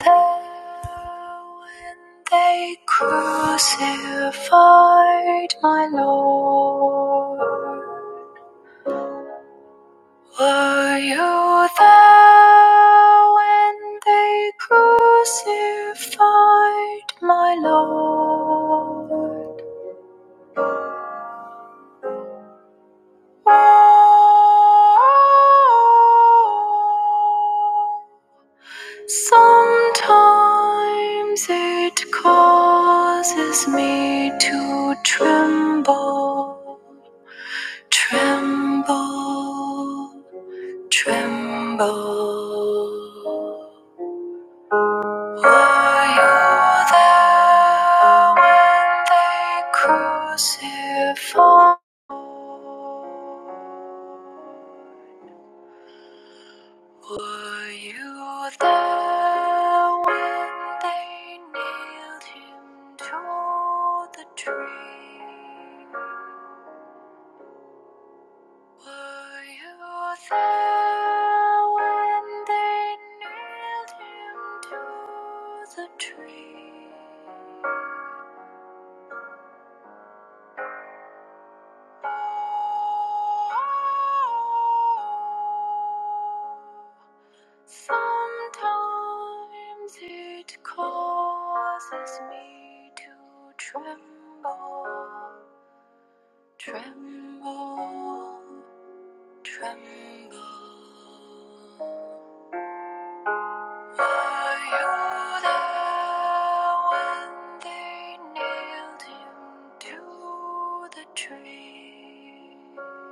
There when they crucified my Lord. Were you there when they crucified my Lord? Oh, Sometimes it causes me to tremble, tremble, tremble. Were you there when they crucified? Were you there when they nailed him to the tree? Were you there when they nailed him to the tree? Oh. Sometimes it causes me to tremble, tremble, tremble. Were you there when they nailed him to the tree?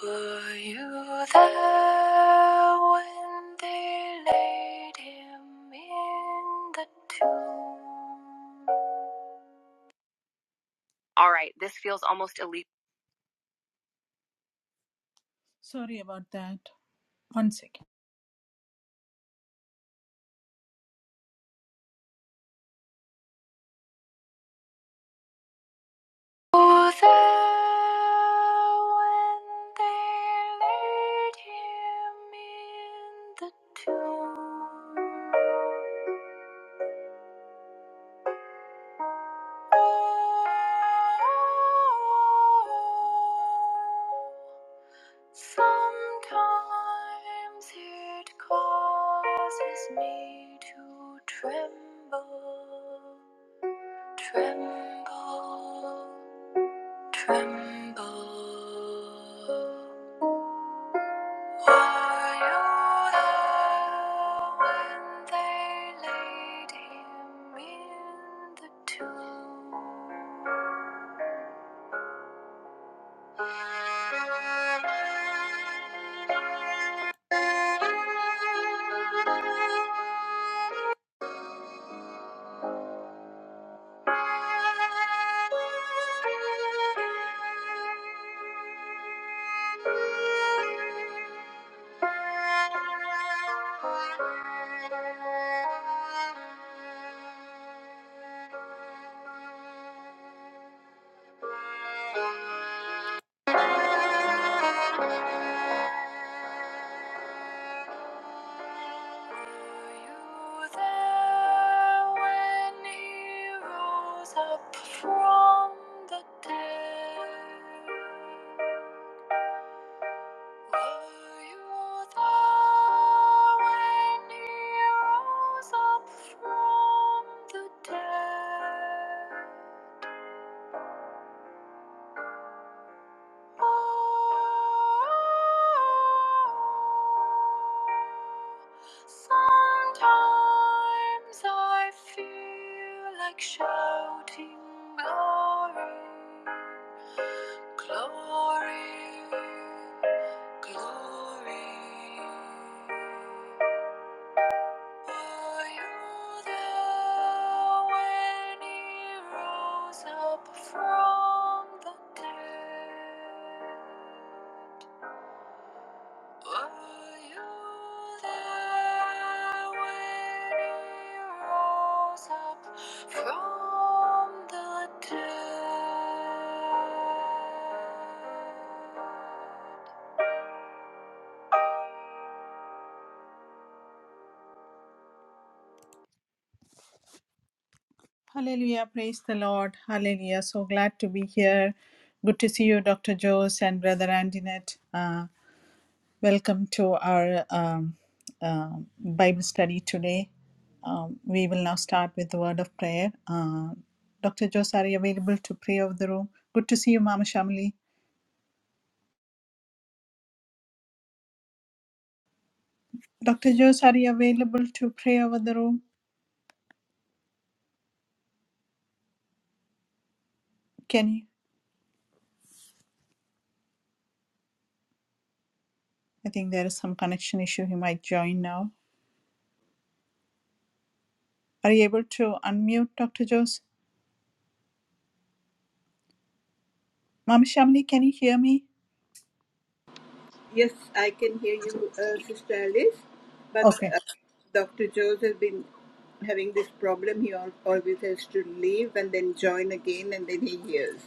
Were you there when they laid him in the tomb? All right, this feels almost elite. Sorry about that. One second. Were you there when they laid him in the tomb? Oh, Sometimes it causes me to tremble, tremble, tremble. Were you there when they laid him in the tomb? Thank you. From the dead. Were you there when he rose up from the dead? Oh, sometimes I feel like shouting glory. Glory, glory. Were you there when he rose up from the dead? Were you there when he rose up from the dead? Hallelujah, praise the Lord. Hallelujah. So glad to be here. Good to see you, Dr. Jose and Brother Andinet. Uh, Welcome to our um, uh, Bible study today. Um, we will now start with the word of prayer. Uh, Dr. Jose, are you available to pray over the room? Good to see you, Mama Shamli. Dr. Jose, are you available to pray over the room? Can you? I think there is some connection issue. He might join now. Are you able to unmute Dr. Jose? Mama Shamli, can you hear me? Yes, I can hear you, uh, Sister Alice. But Okay. uh, Dr. Jones has been having this problem. He al- always has to leave and then join again, and then he hears.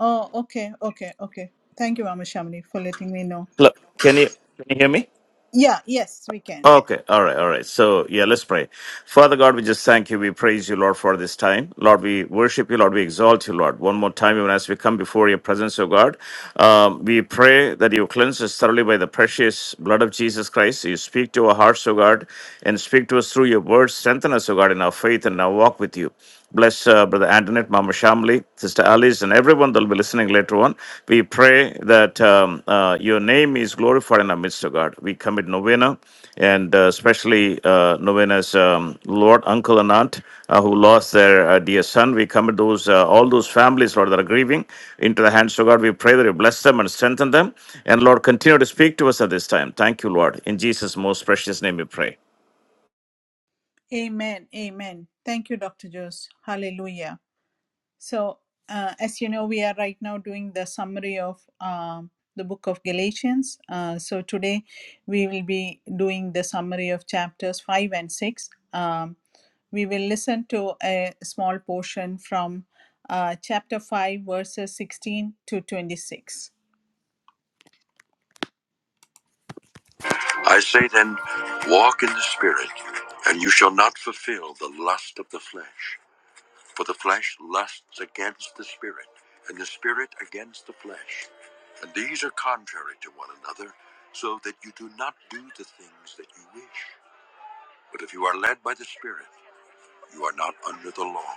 Oh, okay, okay, okay. Thank you, Mama Shamli, for letting me know. Hello. Can you can you hear me? Yeah, yes, we can. Okay. All right. All right. So yeah, let's pray. Father God, we just thank you. We praise you, Lord, for this time. Lord, we worship you. Lord, we exalt you, Lord. One more time, even as we come before your presence, O God, um, we pray that you cleanse us thoroughly by the precious blood of Jesus Christ. You speak to our hearts, O God, and speak to us through your words. Strengthen us, O God, in our faith and our walk with you. Bless uh, Brother Antoinette, Mama Shamli, Sister Alice, and everyone that will be listening later on. We pray that um, uh, your name is glorified in our midst, O God. We commit Novena, and uh, especially uh, Novena's um, Lord, Uncle, and Aunt uh, who lost their uh, dear son. We commit those uh, all those families, Lord, that are grieving into the hands of God. We pray that you bless them and strengthen them. And Lord, continue to speak to us at this time. Thank you, Lord. In Jesus' most precious name we pray. Amen. Amen. Thank you, Dr. Jose. Hallelujah. So, uh, as you know, we are right now doing the summary of um, the book of Galatians. Uh, so, today we will be doing the summary of chapters 5 and 6. Um, we will listen to a small portion from uh, chapter 5, verses 16 to 26. I say then, walk in the Spirit, and you shall not fulfill the lust of the flesh. For the flesh lusts against the spirit, and the spirit against the flesh. And these are contrary to one another, so that you do not do the things that you wish. But if you are led by the spirit, you are not under the law.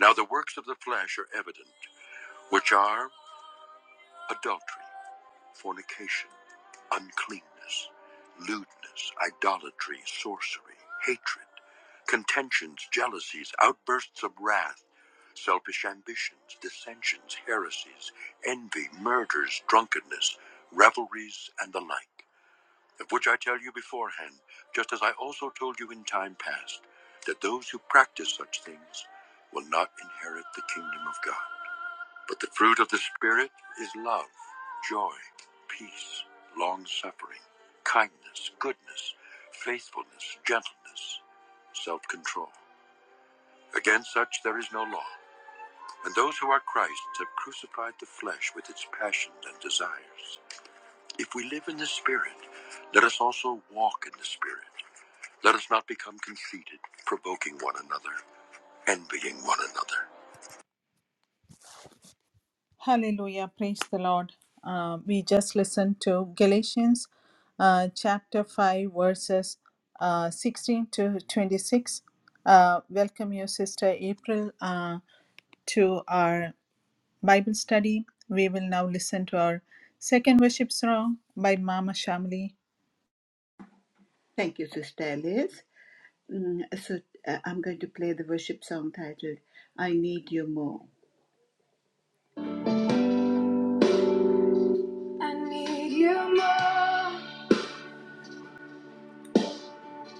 Now the works of the flesh are evident, which are adultery fornication, uncleanness, lewdness, idolatry, sorcery, hatred, contentions, jealousies, outbursts of wrath, selfish ambitions, dissensions, heresies, envy, murders, drunkenness, revelries, and the like, of which I tell you beforehand, just as I also told you in time past, that those who practice such things will not inherit the kingdom of God. But the fruit of the Spirit is love, joy, peace, long suffering, kindness, goodness, faithfulness, gentleness, self control. Against such there is no law. And those who are Christ's have crucified the flesh with its passions and desires. If we live in the Spirit, let us also walk in the Spirit. Let us not become conceited, provoking one another, envying one another. Hallelujah. Praise the Lord. Uh, we just listened to Galatians uh, chapter 5, verses uh, 16 to 26. Uh, welcome you, Sister April, uh, to our Bible study. We will now listen to our second worship song by Mama Shamli. Thank you, Sister Alice. Mm, so uh, I'm going to play the worship song titled "I Need You More." I need you more,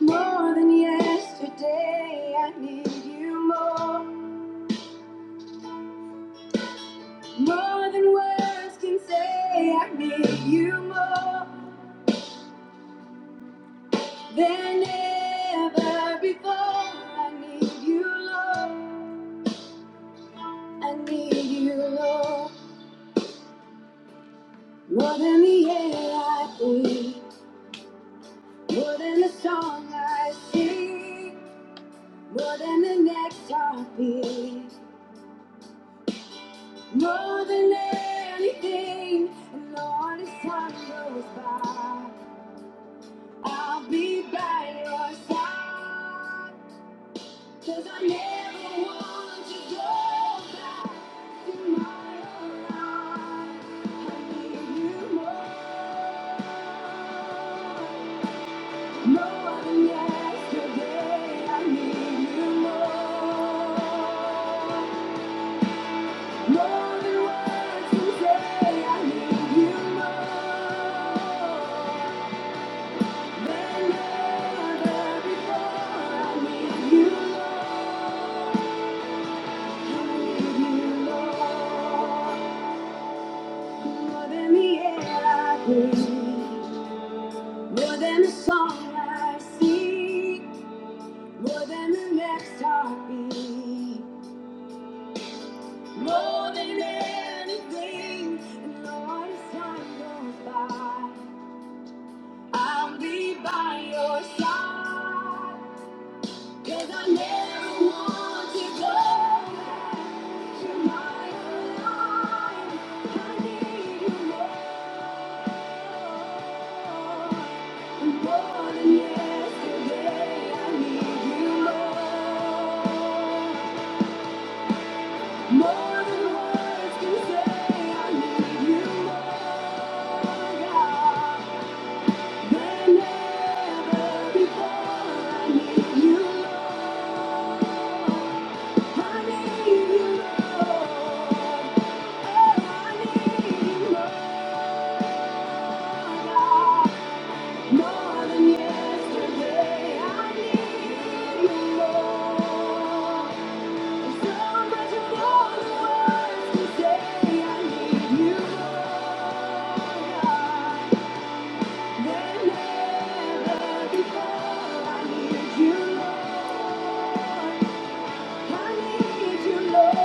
more than yesterday. I need you more, more than words can say. I need you more. than ever before. I need you, Lord. I need you, Lord. More than the air I breathe, more than the song I sing, more than the next heartbeat, more than anything. And Lord, as time goes by, I'll be by your side. Cause I never want to go back to my old life. I need you more. No one than yesterday. I need you more. More than words can say. I need you more than ever before. I need you more. More than the air I breathe, more than the song I sing, more than the next heartbeat, more than anything. And Lord, as time goes by, I'll be by your side. 'Cause I never want to go back to my old life. I need you more. Thank you. More than yesterday, I need you more. There's so much more than words to say. I need you more, God, than ever before. I need you, Lord. I need you, Lord.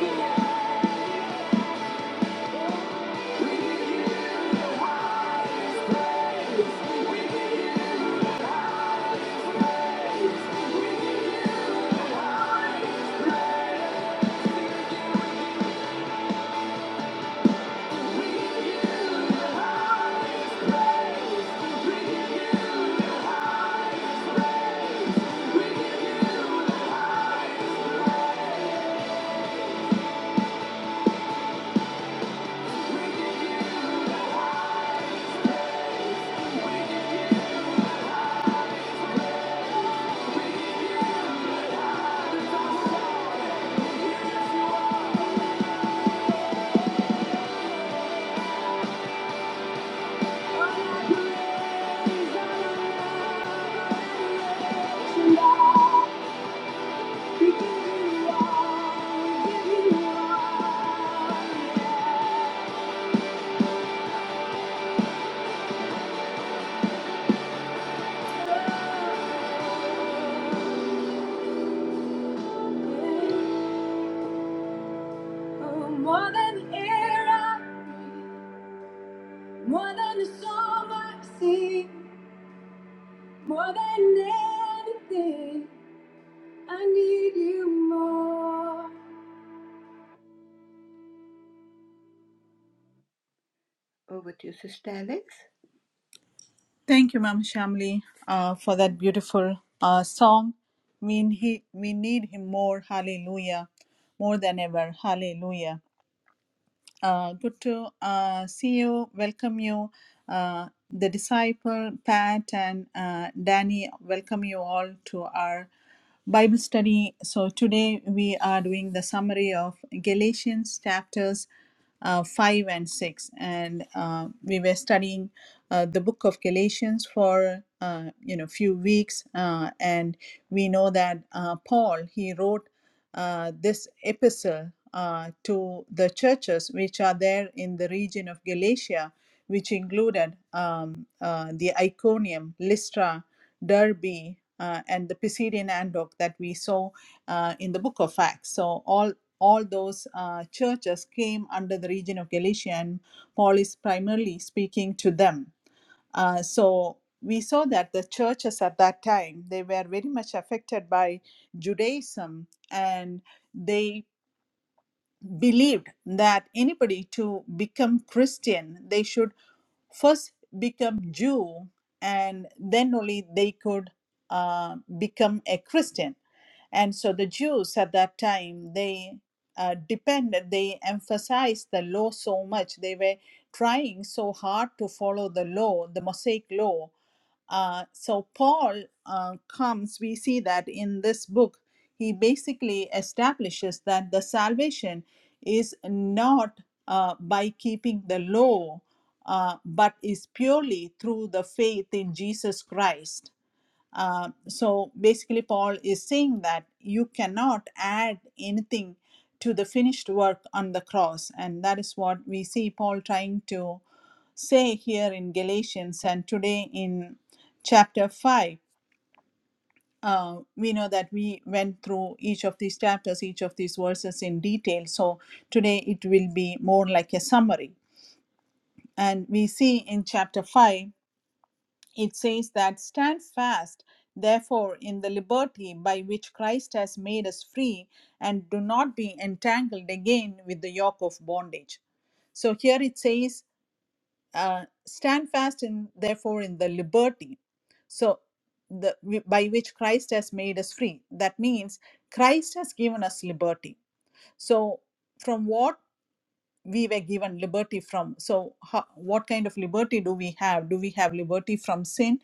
Yeah. Yeah. More than the air I breathe, more than the song I sing, more than anything, I need you more. Over to you, Sister Alex. Thank you, Mama Shamli, uh, for that beautiful uh, song. We, he, we need him more. Hallelujah. More than ever. Hallelujah. Uh, good to uh, see you, welcome you. Uh, the disciple, Pat, and uh, Danny, welcome you all to our Bible study. So, today we are doing the summary of Galatians chapters uh, 5 and 6. And uh, we were studying uh, the book of Galatians for uh, you know few weeks, uh, and we know that uh, Paul he wrote uh, this epistle uh, to the churches which are there in the region of Galatia, which included um, uh, the Iconium, Lystra, Derbe, uh, and the Pisidian Antioch that we saw uh, in the book of Acts. So all all those uh, churches came under the region of Galatia, and Paul is primarily speaking to them. Uh, so we saw that the churches at that time they were very much affected by Judaism and they believed that anybody to become Christian, they should first become Jew, and then only they could uh, become a Christian. And so the Jews at that time they uh, depended, they emphasized the law so much. They were trying so hard to follow the law, the Mosaic law, uh, so Paul uh, comes, we see that in this book, he basically establishes that the salvation is not uh, by keeping the law, uh, but is purely through the faith in Jesus Christ uh, so basically, Paul is saying that you cannot add anything to the finished work on the cross. And that is what we see Paul trying to say here in Galatians. And today in chapter 5, uh, we know that we went through each of these chapters, each of these verses in detail. So today it will be more like a summary. And we see in chapter 5 it says that stand fast, therefore, in the liberty by which Christ has made us free, and do not be entangled again with the yoke of bondage. So here it says, uh, stand fast, in, therefore, in the liberty. So the wi- by which Christ has made us free. That means Christ has given us liberty. So from what we were given liberty from so ho- what kind of liberty do we have do we have liberty from sin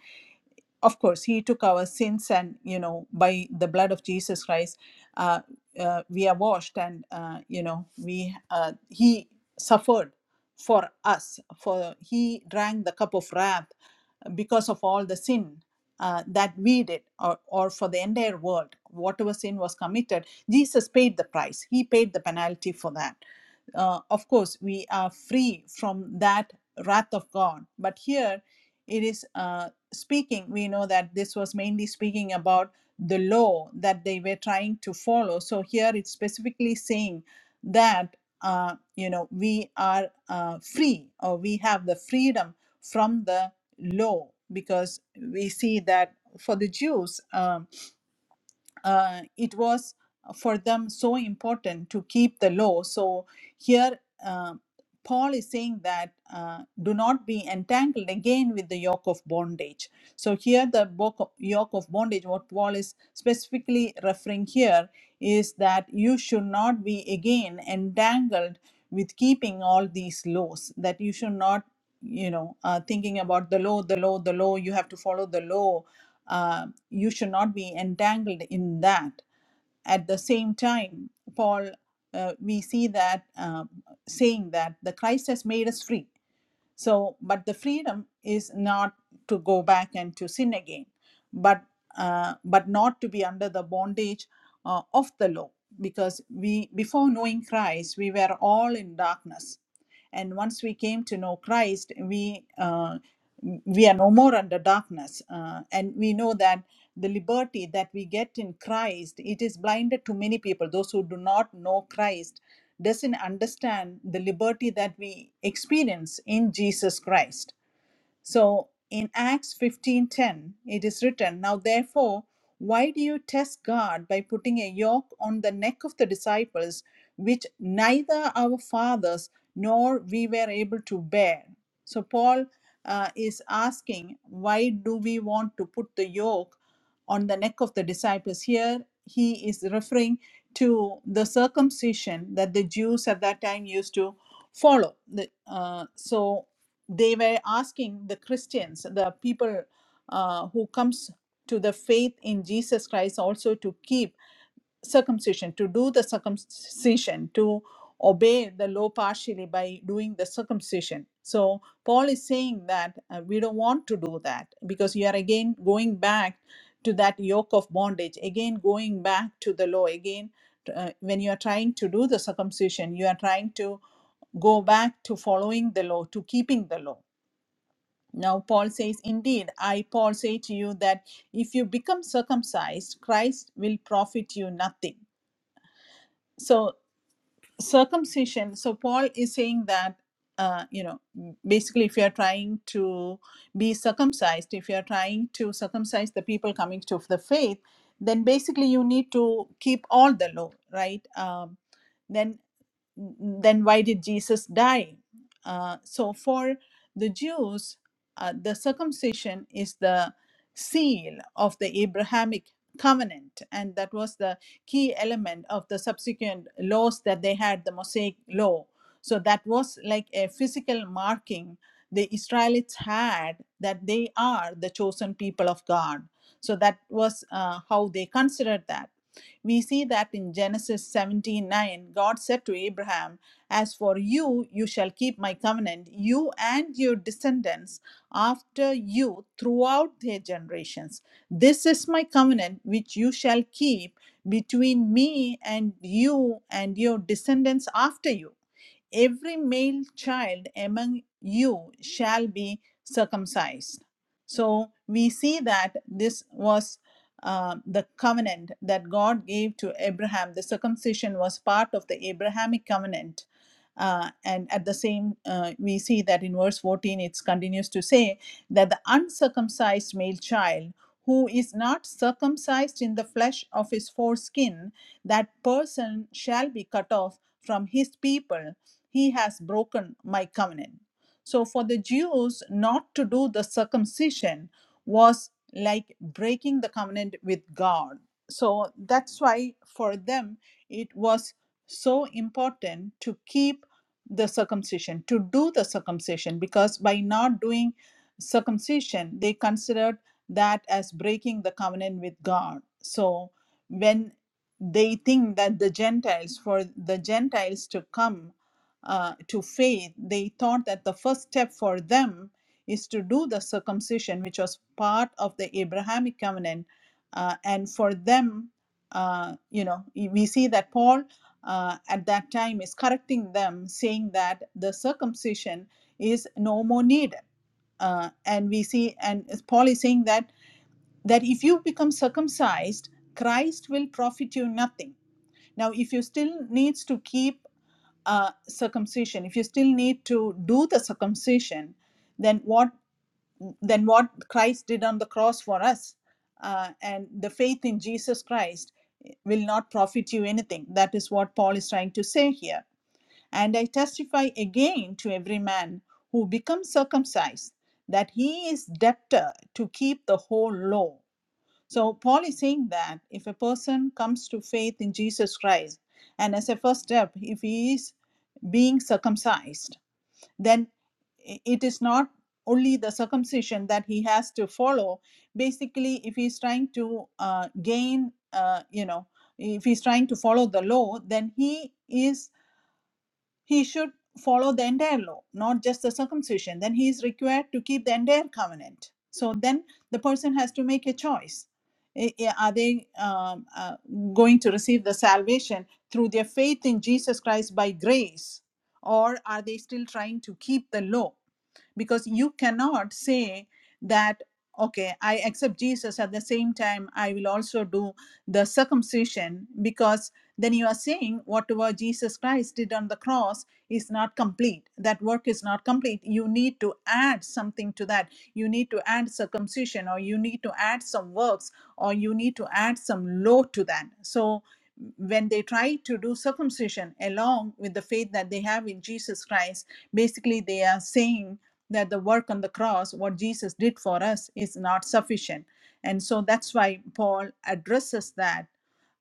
of course he took our sins and you know by the blood of jesus christ uh, uh, we are washed and uh, you know we uh, he suffered for us for he drank the cup of wrath because of all the sin uh, that we did, or, or for the entire world, whatever sin was committed, Jesus paid the price. He paid the penalty for that. Uh, of course, we are free from that wrath of God. But here it is uh, speaking, we know that this was mainly speaking about the law that they were trying to follow. So here it's specifically saying that, uh, you know, we are uh, free or we have the freedom from the low because we see that for the Jews. Um, uh, it was for them so important to keep the law. So here, uh, Paul is saying that uh, do not be entangled again with the yoke of bondage. So here, the bo- yoke of bondage, what Paul is specifically referring here, is that you should not be again entangled with keeping all these laws. That you should not, you know, uh, thinking about the law, the law, the law. You have to follow the law uh, you should not be entangled in that. At the same time, Paul, uh, we see that um, saying that the Christ has made us free. So, but the freedom is not to go back and to sin again, but uh, but not to be under the bondage uh, of the law, because we before knowing Christ we were all in darkness, and once we came to know Christ, we uh, we are no more under darkness, uh, and we know that the liberty that we get in Christ it is blinded to many people. Those who do not know Christ doesn't understand the liberty that we experience in Jesus Christ so in Acts 15:10 it is written, now therefore why do you test God by putting a yoke on the neck of the disciples which neither our fathers nor we were able to bear? So Paul uh, is asking why do we want to put the yoke on the neck of the disciples here he is referring to the circumcision that the Jews at that time used to follow. The- uh, so they were asking the christians the people uh, who comes to the faith in jesus christ also to keep circumcision to do the circumcision to obey the law partially by doing the circumcision so paul is saying that uh, we don't want to do that because you are again going back to that yoke of bondage again going back to the law again uh, when you are trying to do the circumcision you are trying to go back to following the law to keeping the law now, Paul says, Indeed, I, Paul, say to you that if you become circumcised, Christ will profit you nothing. So, circumcision, so Paul is saying that, uh, you know, basically, if you're trying to be circumcised, if you're trying to circumcise the people coming to the faith, then basically you need to keep all the law, right? Um, then then why did Jesus die? Uh, so for the Jews, uh, the circumcision is the seal of the Abrahamic covenant, and that was the key element of the subsequent laws that they had, the Mosaic law. So that was like a physical marking the Israelites had that they are the chosen people of God. So that was uh, how they considered that we see that in Genesis seventeen nine, God said to Abraham, As for you, you shall keep my covenant, you and your descendants after you throughout their generations. This is my covenant which you shall keep between me and you and your descendants after you every male child among you shall be circumcised. So we see that this was uh, the covenant that God gave to Abraham. The circumcision was part of the Abrahamic covenant. Uh, and at the same, uh, we see that in verse 14, it continues to say that the uncircumcised male child who is not circumcised in the flesh of his foreskin, that person shall be cut off from his people. He has broken my covenant. So, for the Jews, not to do the circumcision was like breaking the covenant with God. So that's why for them it was so important to keep the circumcision, to do the circumcision, because by not doing circumcision, they considered that as breaking the covenant with God. So when they think that the Gentiles, for the Gentiles to come uh, to faith, they thought that the first step for them is to do the circumcision, which was part of the Abrahamic covenant. Uh, and for them, uh, you know, we see that Paul uh, at that time is correcting them, saying that the circumcision is no more needed. Uh, and we see, and Paul is saying that that if you become circumcised, Christ will profit you nothing. Now, if you still needs to keep uh, circumcision, if you still need to do the circumcision, then what than what Christ did on the cross for us. Uh, and the faith in Jesus Christ will not profit you anything. That is what Paul is trying to say here. And I testify again to every man who becomes circumcised that he is debtor to keep the whole law. So Paul is saying that if a person comes to faith in Jesus Christ, and as a first step, if he is being circumcised, then it is not only the circumcision that he has to follow basically if he's trying to uh, gain uh, you know if he's trying to follow the law then he is he should follow the entire law, not just the circumcision. Then he is required to keep the entire covenant. So then the person has to make a choice. Are they um, uh, going to receive the salvation through their faith in Jesus Christ by grace, or are they still trying to keep the law? Because you cannot say that, okay, I accept Jesus at the same time, I will also do the circumcision, because then you are saying whatever Jesus Christ did on the cross is not complete. That work is not complete. You need to add something to that. You need to add circumcision, or you need to add some works, or you need to add some law to that. So when they try to do circumcision along with the faith that they have in Jesus Christ, basically they are saying that the work on the cross, what Jesus did for us, is not sufficient. And so that's why Paul addresses that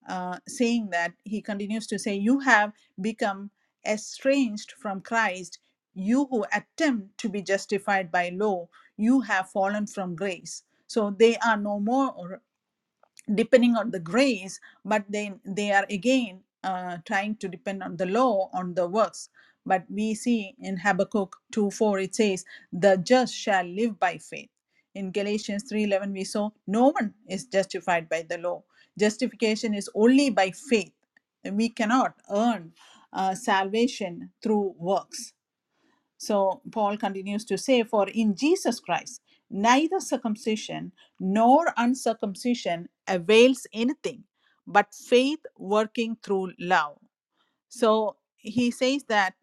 uh, saying that he continues to say, You have become estranged from Christ, you who attempt to be justified by law, you have fallen from grace. So they are no more depending on the grace, but then they are again uh, trying to depend on the law, on the works. But we see in Habakkuk 2 4, it says, The just shall live by faith. In Galatians 3:11 we saw no one is justified by the law. Justification is only by faith. We cannot earn uh, salvation through works. So Paul continues to say, For in Jesus Christ, neither circumcision nor uncircumcision avails anything, but faith working through love. So he says that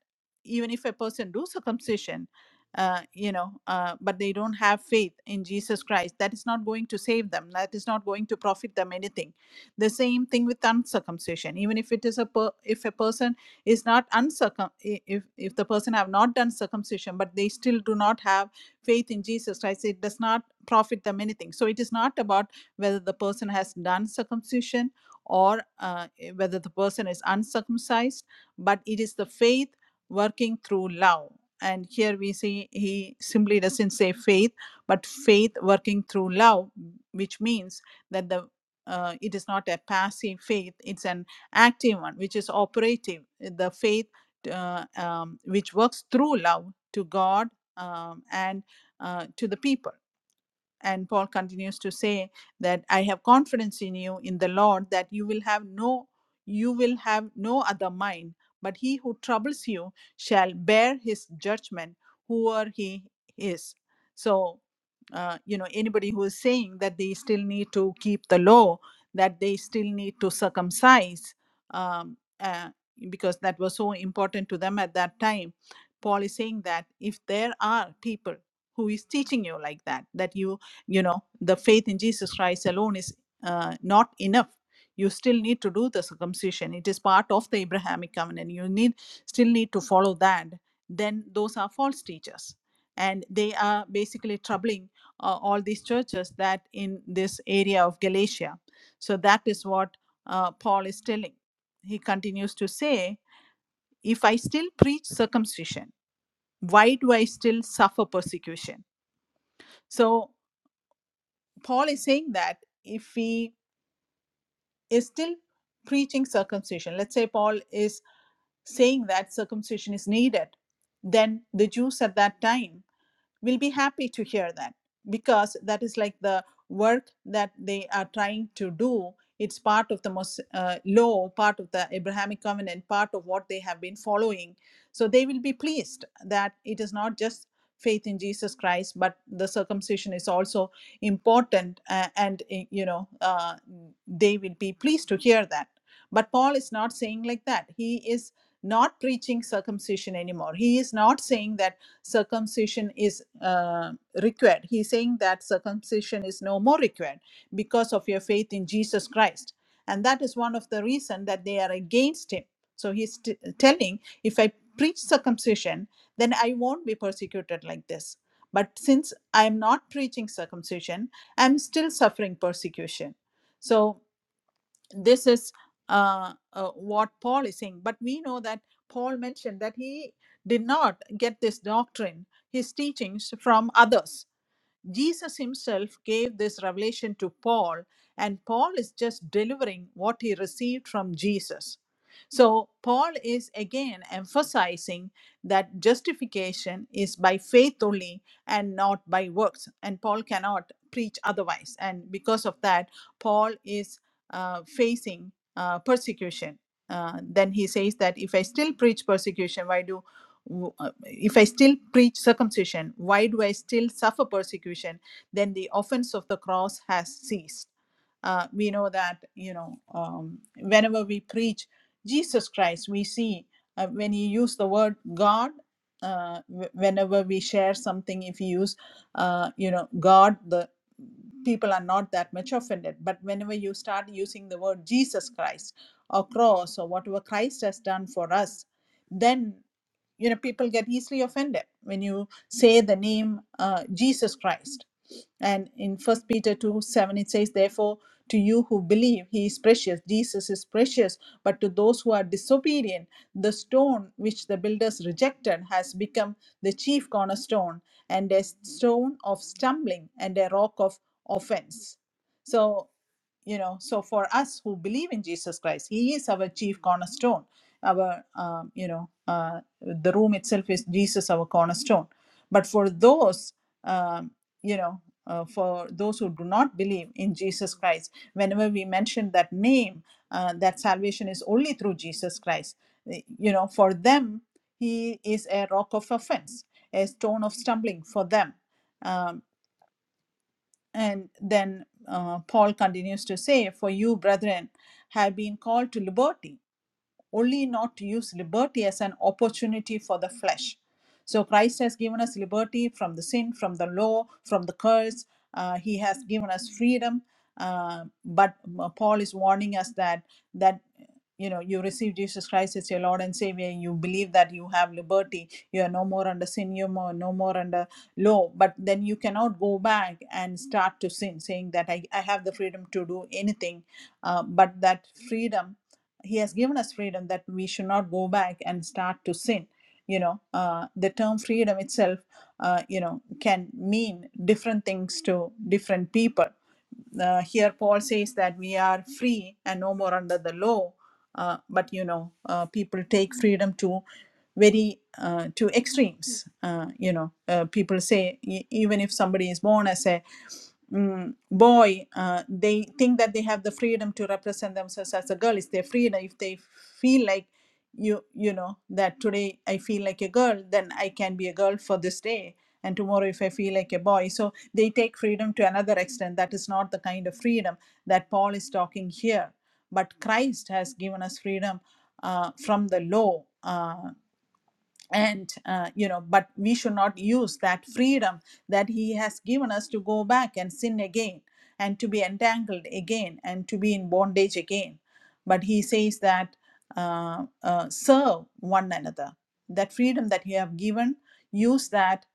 even if a person do circumcision, uh, you know, uh, but they don't have faith in Jesus Christ, that is not going to save them. That is not going to profit them anything. The same thing with uncircumcision. Even if it is a per- if a person is not uncircum if if the person have not done circumcision, but they still do not have faith in Jesus Christ, it does not profit them anything. So it is not about whether the person has done circumcision or uh, eh, whether the person is uncircumcised, but it is the faith working through love. And here we see he simply doesn't say faith, but faith working through love, which means that the uh, it is not a passive faith; it's an active one, which is operative. The faith uh, um, which works through love to God um, and uh, to the people and Paul continues to say that I have confidence in you in the Lord that you will have no you will have no other mind, but he who troubles you shall bear his judgment, whoever he is. So uh, you know anybody who is saying that they still need to keep the law, that they still need to circumcise, um, uh, because that was so important to them at that time. Paul is saying that if there are people who is teaching you like that that you you know the faith in jesus christ alone is uh, not enough you still need to do the circumcision it is part of the abrahamic covenant you need still need to follow that then those are false teachers and they are basically troubling uh, all these churches that in this area of galatia so that is what uh, paul is telling he continues to say if i still preach circumcision why do i still suffer persecution so paul is saying that if we is still preaching circumcision. Let's say Paul is saying that circumcision is needed. Then the Jews at that time will be happy to hear that because that is like the work that they are trying to do it's part of the most uh, law part of the abrahamic covenant part of what they have been following so they will be pleased that it is not just faith in jesus christ but the circumcision is also important uh, and uh, you know uh, they will be pleased to hear that but paul is not saying like that he is not preaching circumcision anymore he is not saying that circumcision is uh, required. He's saying that circumcision is no more required because of your faith in Jesus Christ. And that is one of the reason that they are against him. So he's t- telling, if I preach circumcision, then I won't be persecuted like this. But since I'm not preaching circumcision, I'm still suffering persecution. So this is uh, uh, what Paul is saying. But we know that Paul mentioned that he did not get this doctrine, his teachings from others Jesus himself gave this revelation to Paul, and Paul is just delivering what he received from Jesus. So, Paul is again emphasizing that justification is by faith only and not by works. And Paul cannot preach otherwise. And because of that, Paul is uh, facing uh, persecution. Uh, then he says that if I still preach persecution, why do uh, if I still preach circumcision, why do I still suffer persecution? Then the offense of the cross has ceased. Uh, we know that, you know, um, whenever we preach Jesus Christ, we see uh, when you use the word God, uh, wh- whenever we share something, if you use, uh, you know, God, the people are not that much offended. But whenever you start using the word Jesus Christ or cross or whatever Christ has done for us, then you know people get easily offended when you say the name uh, Jesus Christ. And in First Peter two seven it says, therefore. To you who believe, he is precious. Jesus is precious. But to those who are disobedient, the stone which the builders rejected has become the chief cornerstone and a stone of stumbling and a rock of offense. So, you know, so for us who believe in Jesus Christ, He is our chief cornerstone. Our, um, you know, uh, the room itself is Jesus, our cornerstone. But for those, um, you know, uh, for those who do not believe in Jesus Christ, whenever we mention that name, uh, that salvation is only through Jesus Christ. eh, You know, for them, He is a rock of offense, a stone of stumbling for them Um, and then uh, Paul continues to say, For you, brethren, have been called to liberty only not to use liberty as an opportunity for the flesh. So Christ has given us liberty from the sin, from the law, from the curse. Uh, he has given us freedom. Uh, but uh, Paul is warning us that that you know you receive Jesus Christ as your Lord and Savior. You believe that you have liberty. You are no more under sin. You are more, no more under law. But then you cannot go back and start to sin, saying that I, I have the freedom to do anything. Uh, but that freedom he has given us freedom that we should not go back and start to sin you know uh, the term freedom itself uh, you know can mean different things to different people uh, here paul says that we are free and no more under the law uh, but you know uh, people take freedom to very uh, to extremes uh, you know uh, people say e- even if somebody is born as a mm, boy, uh, they think that they have the freedom to represent themselves as a girl. It's their freedom. If they feel like you, you know, that today I feel like a girl, then I can be a girl for this day. And tomorrow, if I feel like a boy. So they take freedom to another extent. That is not the kind of freedom that Paul is talking here. But Christ has given us freedom uh, from the law. uh, and uh, you know but we should not use that freedom that he has given us to go back and sin again and to be entangled again and to be in bondage again but he says that uh, uh, serve one another that freedom that you have given use that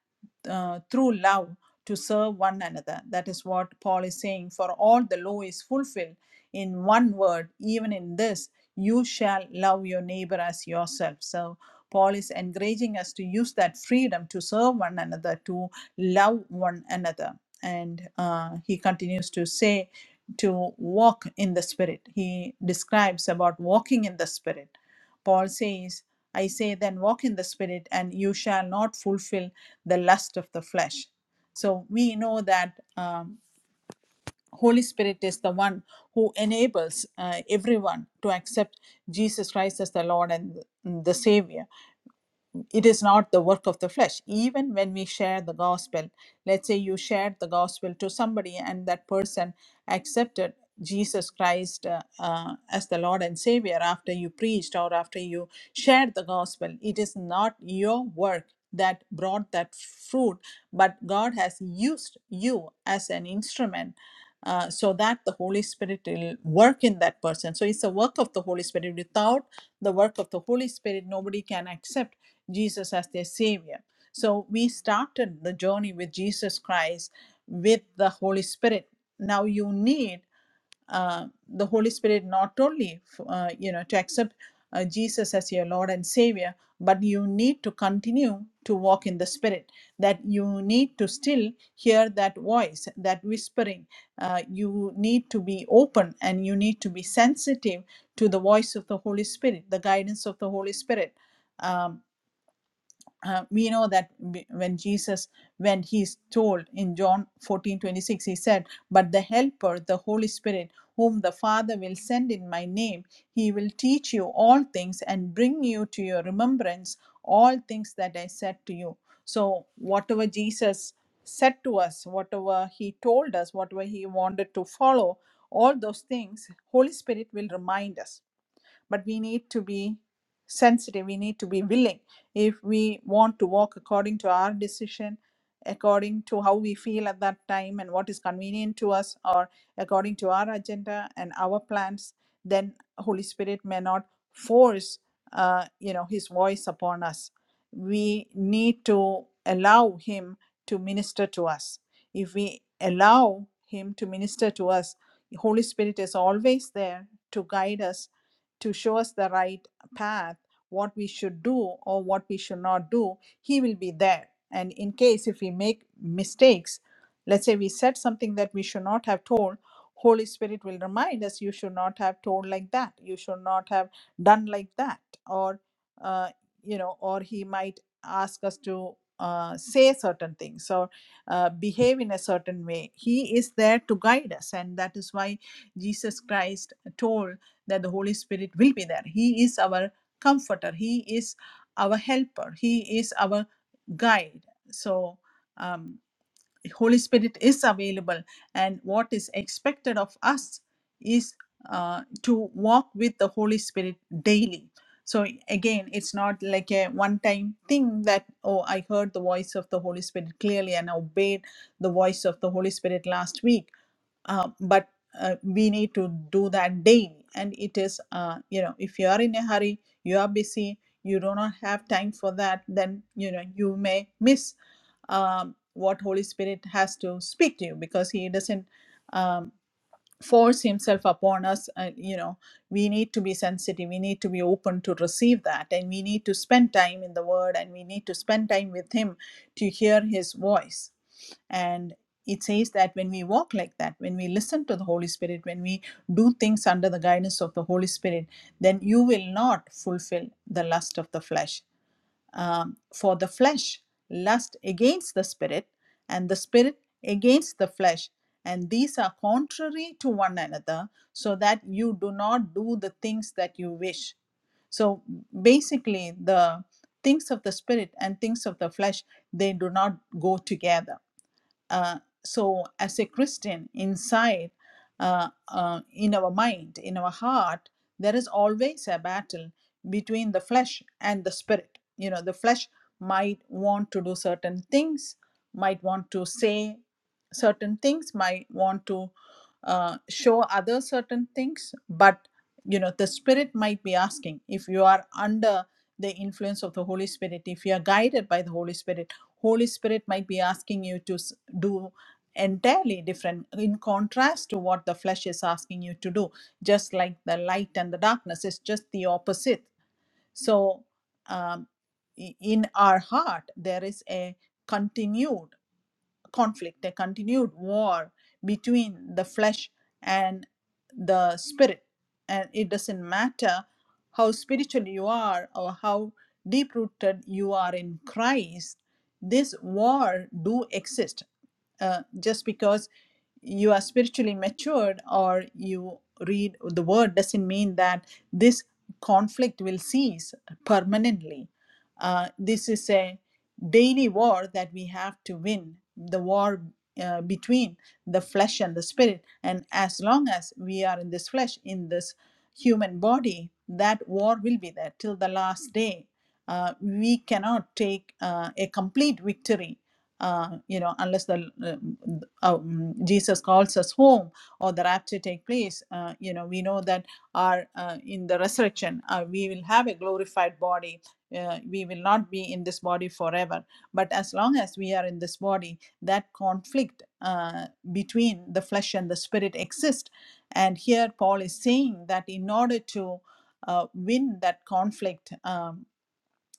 uh, through love to serve one another that is what paul is saying for all the law is fulfilled in one word even in this you shall love your neighbor as yourself so Paul is encouraging us to use that freedom to serve one another, to love one another. And uh, he continues to say to walk in the Spirit. He describes about walking in the Spirit. Paul says, I say, then walk in the Spirit, and you shall not fulfill the lust of the flesh. So we know that um, Holy Spirit is the one who enables uh, everyone to accept Jesus Christ as the Lord and the Savior it is not the work of the flesh. Even when we share the gospel, let's say you shared the gospel to somebody and that person accepted Jesus Christ uh, uh, as the Lord and Savior after you preached or after you shared the gospel, it is not your work that brought that fruit, but God has used you as an instrument. uh, so that the Holy Spirit will work in that person. So it's a work of the Holy Spirit. Without the work of the Holy Spirit, nobody can accept Jesus as their Savior. So we started the journey with Jesus Christ with the Holy Spirit. Now you need uh, the Holy Spirit not only uh, you know to accept uh, Jesus as your Lord and Savior, but you need to continue to walk in the Spirit. That you need to still hear that voice, that whispering. Uh, you need to be open and you need to be sensitive to the voice of the Holy Spirit, the guidance of the Holy Spirit. Um, uh, we know that when Jesus, when he's told in John 14 26, he said, But the Helper, the Holy Spirit, whom the Father will send in my name, he will teach you all things and bring you to your remembrance all things that I said to you. So, whatever Jesus said to us, whatever he told us, whatever he wanted to follow, all those things, Holy Spirit will remind us but we need to be sensitive we need to be willing if we want to walk according to our decision according to how we feel at that time and what is convenient to us or according to our agenda and our plans then holy spirit may not force uh, you know his voice upon us we need to allow him to minister to us if we allow him to minister to us the holy spirit is always there to guide us to show us the right path, what we should do or what we should not do, He will be there. And in case if we make mistakes, let's say we said something that we should not have told, Holy Spirit will remind us you should not have told like that, you should not have done like that, or uh, you know, or He might ask us to uh, say certain things or uh, behave in a certain way. He is there to guide us, and that is why Jesus Christ told that the Holy Spirit will be there. He is our comforter, He is our helper, He is our guide. So, um, Holy Spirit is available, and what is expected of us is uh, to walk with the Holy Spirit daily. So, again, it's not like a one time thing that, oh, I heard the voice of the Holy Spirit clearly and obeyed the voice of the Holy Spirit last week uh, but uh, we need to do that daily and it is uh, you know if you are in a hurry you are busy you do not have time for that then you know you may miss um, what holy spirit has to speak to you because he doesn't um, force himself upon us uh, you know we need to be sensitive we need to be open to receive that and we need to spend time in the word and we need to spend time with him to hear his voice and it says that when we walk like that, when we listen to the Holy Spirit, when we do things under the guidance of the Holy Spirit, then you will not fulfill the lust of the flesh. Um, for the flesh lusts against the spirit, and the spirit against the flesh. And these are contrary to one another, so that you do not do the things that you wish. So basically, the things of the spirit and things of the flesh, they do not go together uh, so, as a Christian, inside, uh, uh, in our mind, in our heart, there is always a battle between the flesh and the spirit. You know, the flesh might want to do certain things, might want to say certain things, might want to uh, show other certain things, but you know, the spirit might be asking if you are under the influence of the Holy Spirit, if you are guided by the Holy Spirit holy spirit might be asking you to s- do entirely different in contrast to what the flesh is asking you to do just like the light and the darkness is just the opposite so um, i- in our heart there is a continued conflict, a continued war between the flesh and the spirit. And it doesn't matter how spiritual you are or how deep rooted you are in Christ, this war do exist. Uh, just because you are spiritually matured or you read the word doesn't mean that this conflict will cease permanently. Uh, this is a daily war that we have to win the war uh, between the flesh and the spirit and as long as we are in this flesh in this human body that war will be there till the last day uh, we cannot take uh, a complete victory uh, you know unless the uh, um, jesus calls us home or the rapture take place uh, you know we know that our uh, in the resurrection uh, we will have a glorified body uh, we will not be in this body forever but as long as we are in this body that conflict uh, between the flesh and the spirit exists. and here paul is saying that in order to uh, win that conflict um,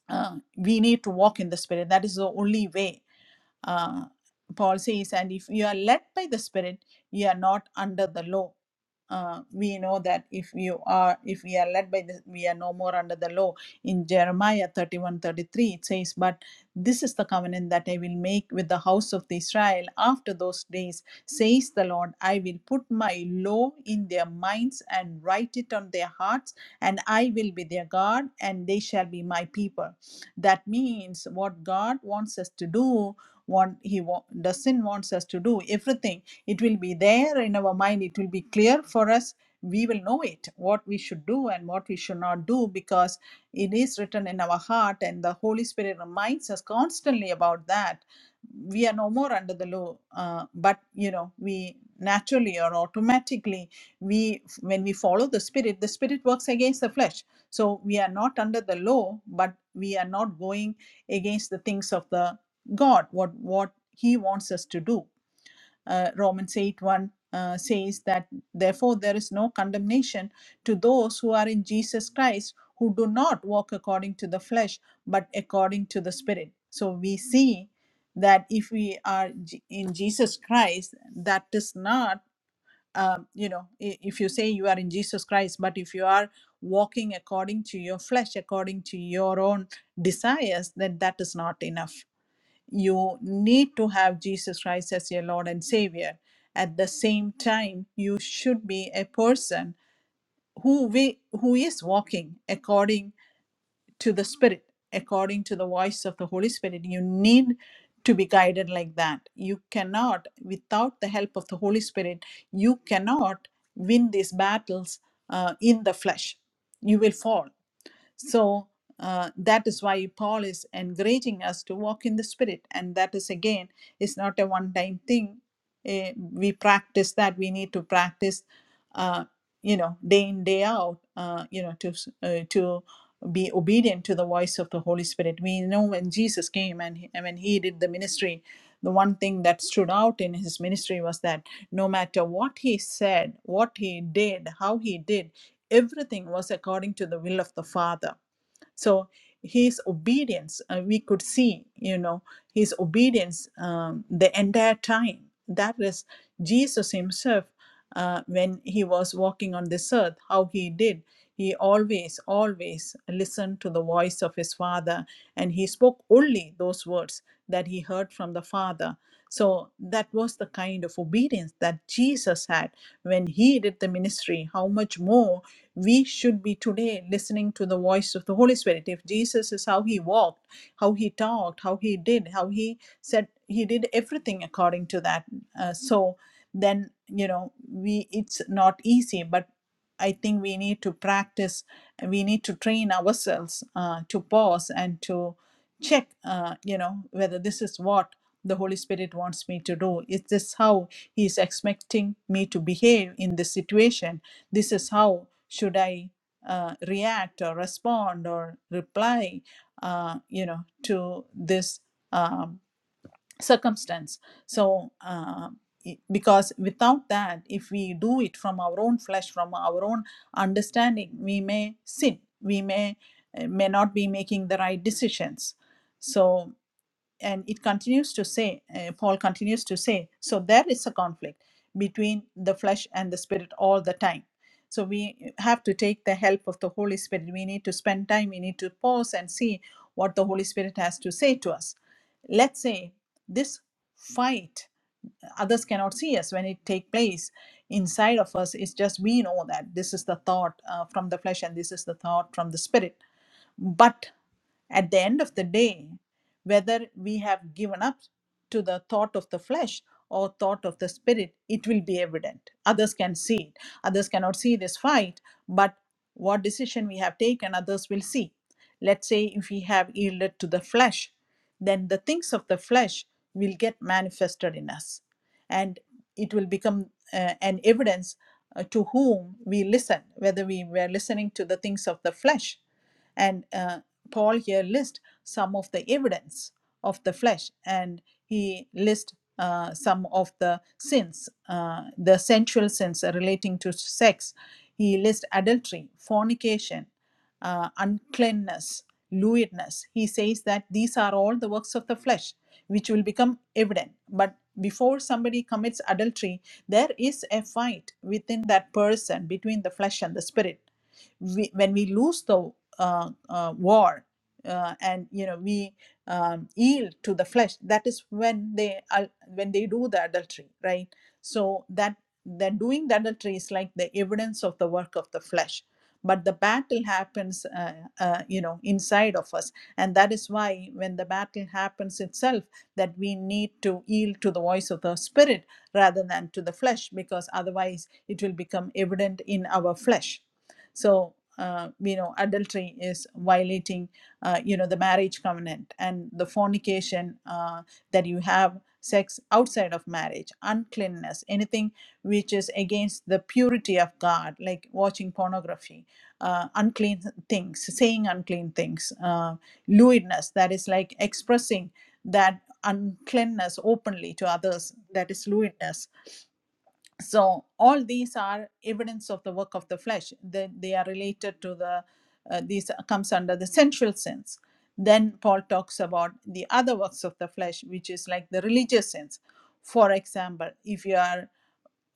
uh, we need to walk in the spirit that is the only way uh, Paul says, and if you are led by the Spirit, you are not under the law. Uh, we know that if you are, if we are led by the, we are no more under the law. In Jeremiah 31 33, it says, But this is the covenant that I will make with the house of Israel after those days, says the Lord. I will put my law in their minds and write it on their hearts, and I will be their God, and they shall be my people. That means what God wants us to do what he wa- doesn't wants us to do everything it will be there in our mind it will be clear for us we will know it what we should do and what we should not do because it is written in our heart and the holy spirit reminds us constantly about that we are no more under the law uh, but you know we naturally or automatically we when we follow the spirit the spirit works against the flesh so we are not under the law but we are not going against the things of the God, what, what He wants us to do. Uh, Romans 8 1 uh, says that, therefore, there is no condemnation to those who are in Jesus Christ, who do not walk according to the flesh, but according to the Spirit. So we see that if we are J- in Jesus Christ, that is not, um, you know, i- if you say you are in Jesus Christ, but if you are walking according to your flesh, according to your own desires, then that is not enough you need to have Jesus Christ as your Lord and Savior. At the same time, you should be a person who we, who is walking according to the Spirit, according to the voice of the Holy Spirit. You need to be guided like that. You cannot, without the help of the Holy Spirit, you cannot win these battles uh, in the flesh. You will fall so uh, that is why Paul is encouraging us to walk in the Spirit, and that is again is not a one-time thing. Eh, we practice that. We need to practice, uh, you know, day in day out. Uh, you know, to s- uh, to be obedient to the voice of the Holy Spirit. We know when Jesus came and, he- and when he did the ministry, the one thing that stood out in his ministry was that no matter what he said, what he did, how he did everything was according to the will of the father so his obedience uh, we could see you know his obedience um, the entire time that is jesus himself uh, when he was walking on this earth how he did he always always listened to the voice of his father and he spoke only those words that he heard from the father so that was the kind of obedience that jesus had when he did the ministry how much more we should be today listening to the voice of the Holy Spirit. If Jesus is how he walked, how he talked, how he did, how he said, he did everything according to that. Uh, so then, you know, we it's not easy, but I think we need to practice. We need to train ourselves uh, to pause and to check, uh, you know, whether this is what the Holy Spirit wants me to do. Is this how He is expecting me to behave in this situation? this is how should i uh, react or respond or reply uh, you know to this um, circumstance so uh, because without that if we do it from our own flesh from our own understanding we may sin we may eh, may not be making the right decisions so and it continues to say uh, paul continues to say so there is a conflict between the flesh and the spirit all the time so we have to take the help of the holy spirit we need to spend time we need to pause and see what the holy spirit has to say to us let's say this fight others cannot see us when it take place inside of us it's just we know that this is the thought uh, from the flesh and this is the thought from the spirit but at the end of the day, whether we have given up to the thought of the flesh or thought of the spirit, it will be evident. Others can see it. Others cannot see this fight, but what decision we have taken, others will see. Let's say if we have yielded to the flesh, then the things of the flesh will get manifested in us and it will become uh, an evidence uh, to whom we listen, whether we were listening to the things of the flesh and uh, Paul here lists some of the evidence of the flesh, and he lists uh, some of the sins, uh, the sensual sins relating to sex. He lists adultery, fornication, uh, uncleanness, lewdness. He says that these are all the works of the flesh, which will become evident. But before somebody commits adultery, there is a fight within that person between the flesh and the spirit we, when we lose the uh, uh, war uh, and you know we um, yield to the flesh that is when they are when they do the adultery right so that that doing the adultery is like the evidence of the work of the flesh but the battle happens uh, uh, you know inside of us and that is why when the battle happens itself that we need to yield to the voice of the spirit rather than to the flesh because otherwise it will become evident in our flesh so, uh, you know, adultery is violating, uh, you know, the marriage covenant and the fornication uh, that you have sex outside of marriage, uncleanness, anything which is against the purity of God, like watching pornography, uh, unclean things, saying unclean things, uh, lewdness, that is like expressing that uncleanness openly to others, that is lewdness so all these are evidence of the work of the flesh they, they are related to the uh, these comes under the sensual sense then paul talks about the other works of the flesh which is like the religious sense for example if you are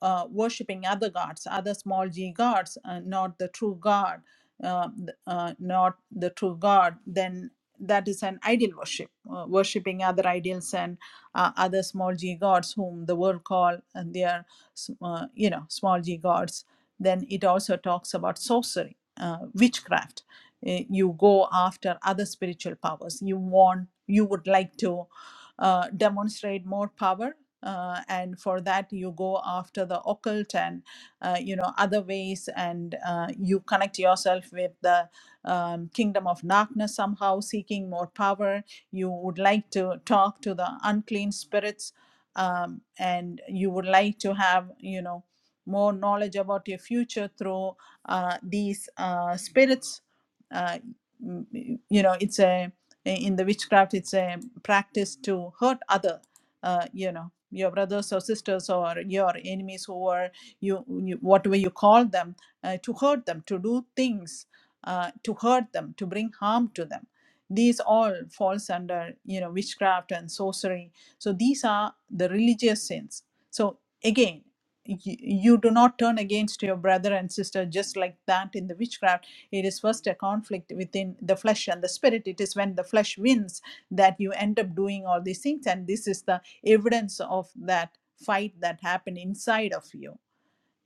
uh, worshipping other gods, other small g gods, uh, not the true God, uh, th- uh, not the true God, then that is an ideal worship, uh, worshipping other ideals and uh, other small g gods whom the world call and their, s- uh, you know, small g gods. Then it also talks about sorcery, uh, witchcraft. Eh, You go after other spiritual powers. You want, you would like to uh, demonstrate more power uh, and for that you go after the occult and uh, you know other ways and uh, you connect yourself with the um, kingdom of darkness somehow seeking more power you would like to talk to the unclean spirits um, and you would like to have you know more knowledge about your future through uh, these uh, spirits uh, m- you know it's a in the witchcraft it's a practice to hurt other uh, you know your brothers or sisters or your enemies who are you, you whatever you call them uh, to hurt them to do things uh, to hurt them to bring harm to them these all falls under you know witchcraft and sorcery so these are the religious sins so again y- you do not turn against your brother and sister just like that in the witchcraft it is first a conflict within the flesh and the spirit it is when the flesh wins that you end up doing all these things and this is the evidence of that fight that happened inside of you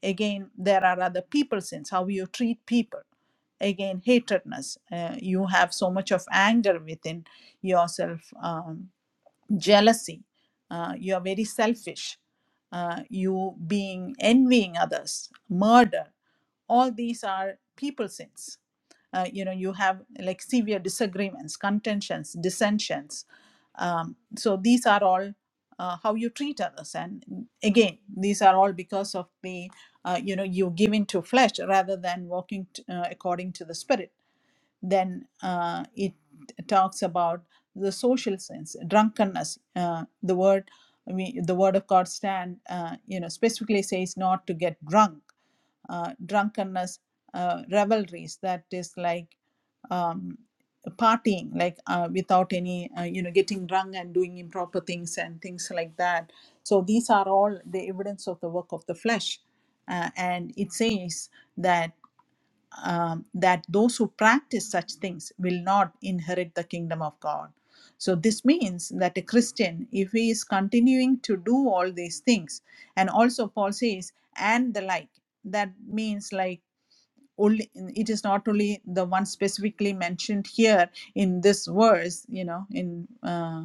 again there are other people sins how you treat people again hatredness uh, you have so much of anger within yourself um, jealousy uh, you are very selfish uh, you being envying others murder all these are people sins uh, you know you have like severe disagreements contentions dissensions um, so these are all uh, how you treat others and again these are all because of the uh, you know you give into flesh rather than walking t- uh, according to the spirit then uh, it talks about the social sins drunkenness uh, the word we, the word of god stand uh, you know specifically says not to get drunk uh, drunkenness, uh, revelries that is like um, partying, like uh, without any, uh, you know, getting drunk and doing improper things and things like that. So these are all the evidence of the work of the flesh. Uh, and it says that um, that those who practice such things will not inherit the kingdom of God. So, this means that a Christian, if he is continuing to do all these things, and also Paul says, and the like, that means like only it is not only the one specifically mentioned here in this verse you know in uh,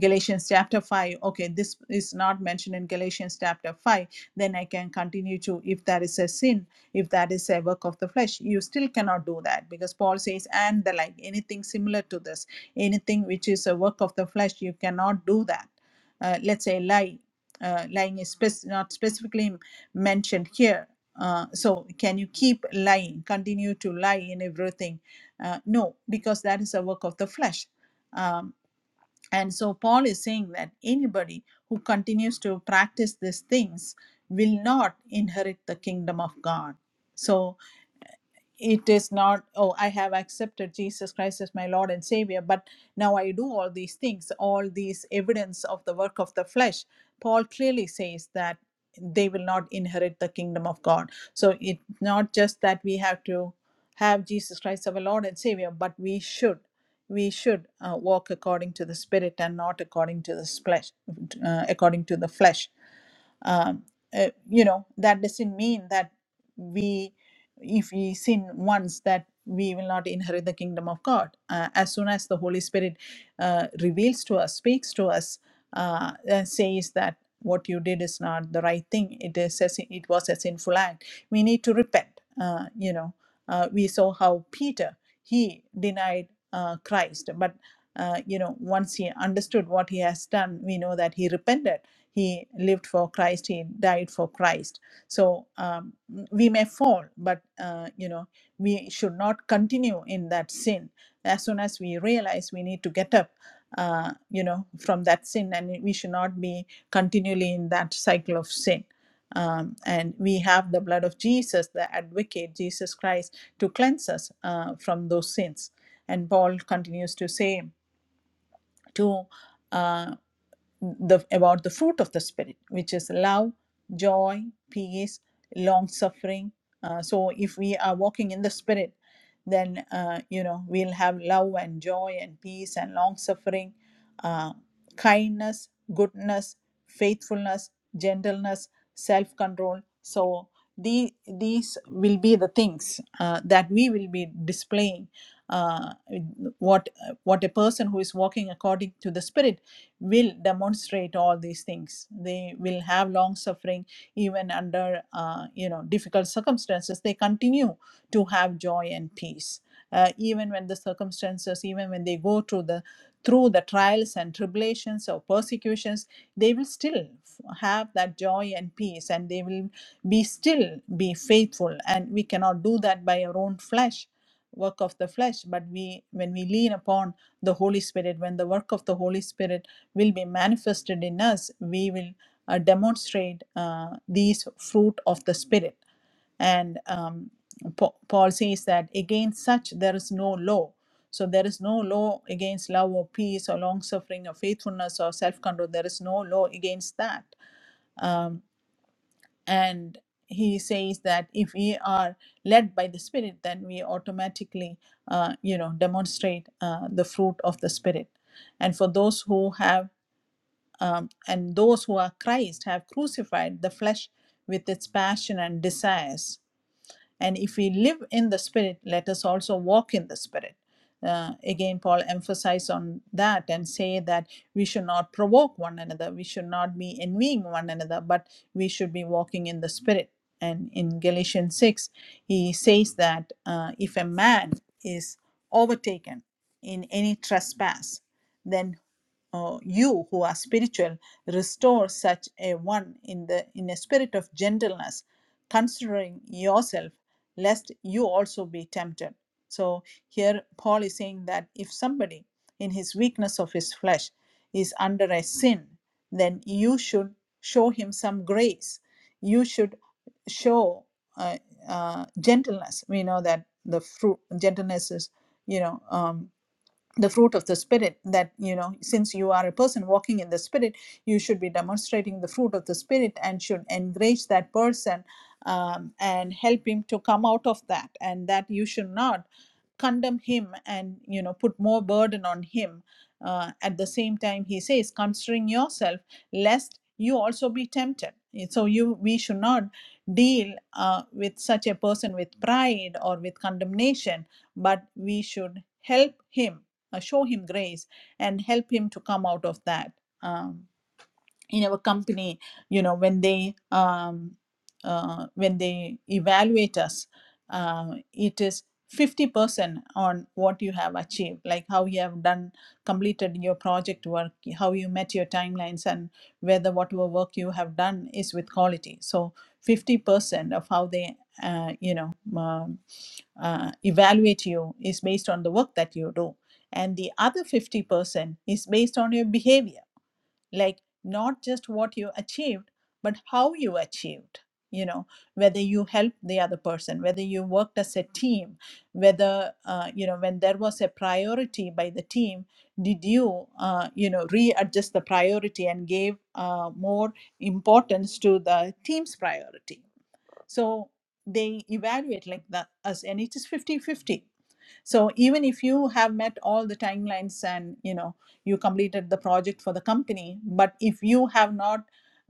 galatians chapter 5 okay this is not mentioned in galatians chapter 5 then i can continue to if that is a sin if that is a work of the flesh you still cannot do that because paul says and the like anything similar to this anything which is a work of the flesh you cannot do that uh, let's say lie uh, lying is spec- not specifically mentioned here uh, so can you keep lying continue to lie in everything uh, no because that is a work of the flesh um, and so paul is saying that anybody who continues to practice these things will not inherit the kingdom of god so it is not oh i have accepted jesus christ as my lord and savior but now i do all these things all these evidence of the work of the flesh paul clearly says that they will not inherit the kingdom of god so it's not just that we have to have jesus christ our lord and savior but we should we should uh, walk according to the spirit and not according to the flesh uh, according to the flesh um, uh, you know that doesn't mean that we if we sin once that we will not inherit the kingdom of god uh, as soon as the holy spirit uh, reveals to us speaks to us uh, and says that what you did is not the right thing it is a, sin- it was a sinful act we need to repent uh, you know uh, we saw how peter he denied uh, christ but uh, you know once he understood what he has done we know that he repented he lived for Christ. He died for Christ. So um, we may fall, but uh, you know we should not continue in that sin. As soon as we realize we need to get up, uh, you know, from that sin, and we should not be continually in that cycle of sin. Um, and we have the blood of Jesus, the advocate, Jesus Christ, to cleanse us uh, from those sins. And Paul continues to say, to uh, the about the fruit of the spirit which is love joy peace long suffering uh, so if we are walking in the spirit then uh, you know we'll have love and joy and peace and long suffering uh, kindness goodness faithfulness gentleness self control so the, these will be the things uh, that we will be displaying uh, what what a person who is walking according to the spirit will demonstrate all these things they will have long suffering even under uh, you know difficult circumstances they continue to have joy and peace uh, even when the circumstances even when they go through the through the trials and tribulations or persecutions they will still have that joy and peace and they will be still be faithful and we cannot do that by our own flesh work of the flesh but we when we lean upon the holy spirit when the work of the holy spirit will be manifested in us, we will uh, demonstrate uh, these fruit of the Spirit. And um, Pa- Paul says that against such there is no law. So there is no law against love or peace or long suffering or faithfulness or self control. There is no law against that. Um, and he says that if we are led by the Spirit, then we automatically, uh, you know, demonstrate uh, the fruit of the Spirit. And for those who have um, and those who are Christ have crucified the flesh with its passion and desires. And if we live in the Spirit, let us also walk in the Spirit. Uh, again, Paul emphasized on that and say that we should not provoke one another, we should not be envying one another, but we should be walking in the Spirit. And in Galatians 6, he says that uh, if a man is overtaken in any trespass, then uh, you who are spiritual restore such a one in the in a spirit of gentleness considering yourself lest you also be tempted. So here Paul is saying that if somebody in his weakness of his flesh is under a sin, then you should show him some grace. You should show uh, uh, gentleness. We know that the fruit gentleness is, you know, um, the fruit of the spirit that you know since you are a person walking in the spirit you should be demonstrating the fruit of the spirit and should encourage that person um, and help him to come out of that and that you should not condemn him and you know put more burden on him uh, at the same time he says considering yourself lest you also be tempted so you we should not deal uh, with such a person with pride or with condemnation but we should help him uh, show him grace and help him to come out of that. Um, in our company you know when they um, uh, when they evaluate us uh, it is 50% on what you have achieved like how you have done completed your project work how you met your timelines and whether whatever work you have done is with quality so 50% of how they uh, you know um, uh, evaluate you is based on the work that you do and the other 50% is based on your behavior like not just what you achieved but how you achieved you know whether you helped the other person whether you worked as a team whether uh, you know when there was a priority by the team did you uh, you know readjust the priority and gave uh, more importance to the team's priority so they evaluate like that us, and it is is fifty-fifty. So even if you have met all the timelines and you know you completed the project for the company, but if you have not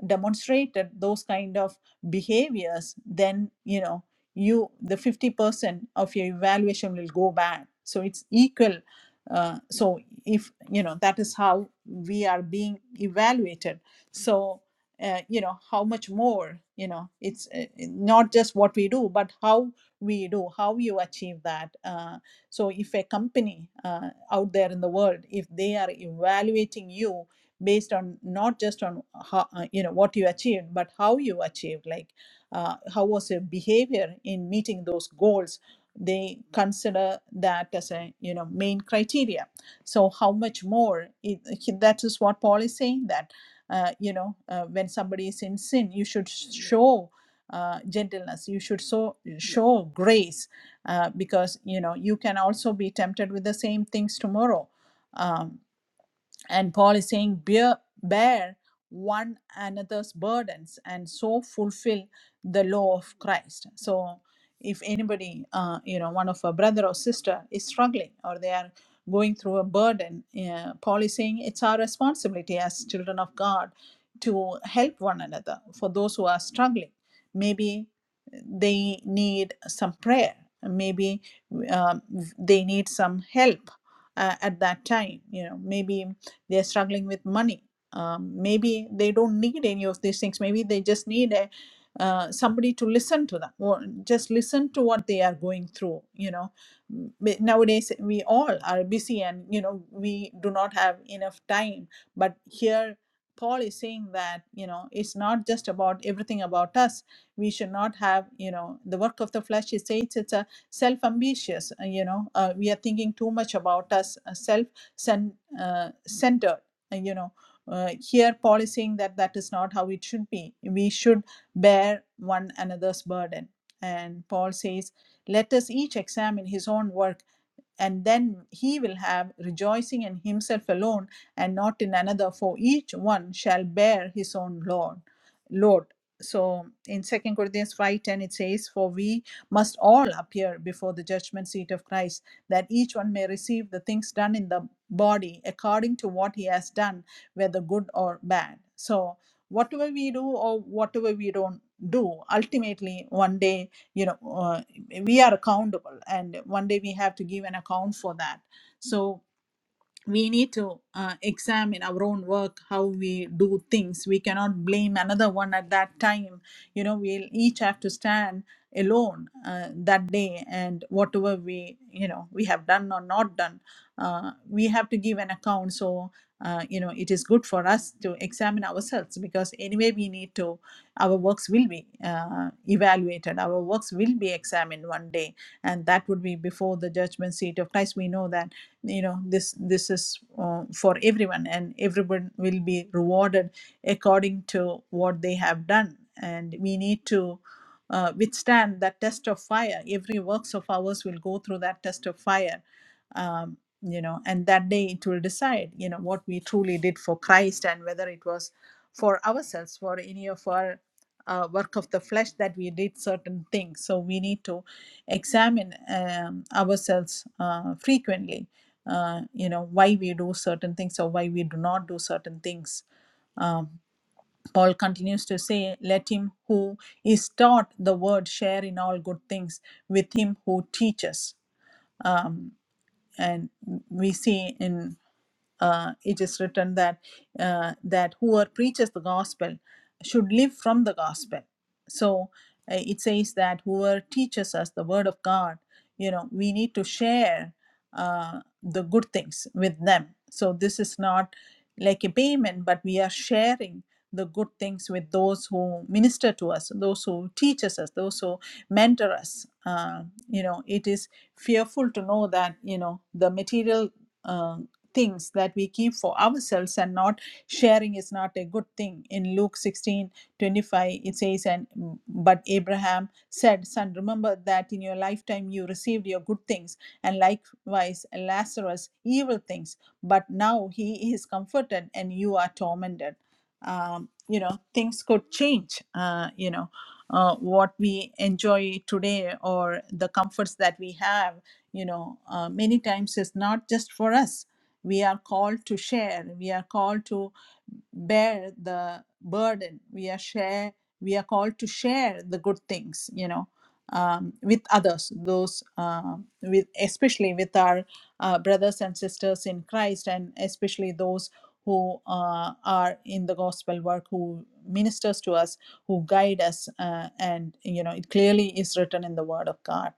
demonstrated those kind of behaviors, then you know you the 50% of your evaluation will go back. So it's equal. Uh, so if you know that is how we are being evaluated. So uh, you know how much more you know it's uh, uh, not just what we do but how we do how you achieve that uh, so if a company uh, out there in the world if they are evaluating you based on not just on how uh, you know what you achieved but how you achieved like uh, how was your behavior in meeting those goals they consider that as a you know main criteria so how much more it, that is what paul is saying that uh, you know uh, when somebody is in sin you should show uh, gentleness you should so show grace uh, because you know you can also be tempted with the same things tomorrow Um, and paul is saying bear, bear one another's burdens and so fulfill the law of christ so if anybody uh, you know one of a brother or sister is struggling or they are going through a burden uh, paul is saying it's our responsibility as children of god to help one another for those who are struggling maybe they need some prayer maybe um, they need some help uh, at that time you know maybe they're struggling with money um, maybe they don't need any of these things maybe they just need a, uh, somebody to listen to them or just listen to what they are going through you know M- nowadays we all are busy and you know we do not have enough time but here paul is saying that you know it's not just about everything about us we should not have you know the work of the flesh he says it's a self ambitious you know uh, we are thinking too much about us self cen- uh, centered. uh, You know, uh, here Paul is saying that that is not how it should be. We should bear one another's burden. And Paul says, let us each examine his own work and then he will have rejoicing in himself alone and not in another for each one shall bear his own load. lord so in second corinthians 5.10 it says for we must all appear before the judgment seat of christ that each one may receive the things done in the body according to what he has done whether good or bad so whatever we do or whatever we don't do ultimately one day you know uh, we are accountable and one day we have to give an account for that so we need to uh, examine our own work how we do things we cannot blame another one at that time you know we'll each have to stand alone uh, that day and whatever we you know we have done or not done uh, we have to give an account so uh, you know it is good for us to examine ourselves because anyway we need to our works will be uh, evaluated our works will be examined one day and that would be before the judgment seat of christ we know that you know this this is uh, for everyone and everyone will be rewarded according to what they have done and we need to uh, withstand that test of fire every works of ours will go through that test of fire um, you know and that day it will decide you know what we truly did for christ and whether it was for ourselves for any of our uh, work of the flesh that we did certain things so we need to examine um, ourselves uh, frequently uh, you know why we do certain things or why we do not do certain things um, paul continues to say let him who is taught the word share in all good things with him who teaches um, and we see in uh, it is written that uh, that whoever preaches the gospel should live from the gospel so uh, it says that whoever teaches us the word of god you know we need to share uh, the good things with them so this is not like a payment but we are sharing the good things with those who minister to us those who teaches us those who mentor us uh, you know it is fearful to know that you know the material uh, things that we keep for ourselves and not sharing is not a good thing in luke 16 25, it says and but abraham said son remember that in your lifetime you received your good things and likewise lazarus evil things but now he is comforted and you are tormented um, you know things could change uh, you know uh, what we enjoy today or the comforts that we have you know uh, many times is not just for us we are called to share. We are called to bear the burden. We are share. We are called to share the good things, you know, um, with others. Those uh, with especially with our uh, brothers and sisters in Christ, and especially those who uh, are in the gospel work, who ministers to us, who guide us, uh, and you know, it clearly is written in the Word of God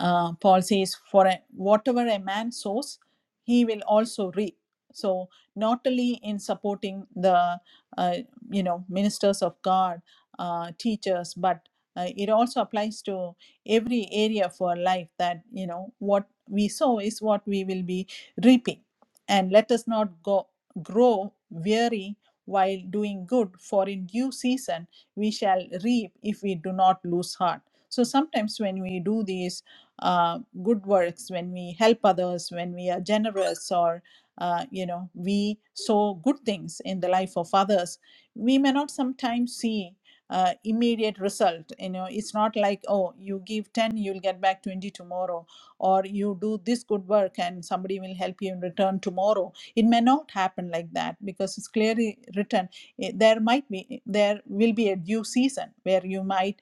uh, Paul says, For a, whatever a man sows, he will also reap. So, not only in supporting the uh, you know ministers of God, uh, teachers, but uh, it also applies to every area of our life that you know what we sow is what we will be reaping, and let us not go grow weary while doing good, for in due season we shall reap if we do not lose heart. So sometimes when we do these uh, good works, when we help others, when we are generous, or uh, you know, we sow good things in the life of others, we may not sometimes see uh, immediate result. You know, it's not like oh, you give ten, you'll get back twenty tomorrow, or you do this good work and somebody will help you in return tomorrow. It may not happen like that because it's clearly written. eh, There might be, there will be a due season where you might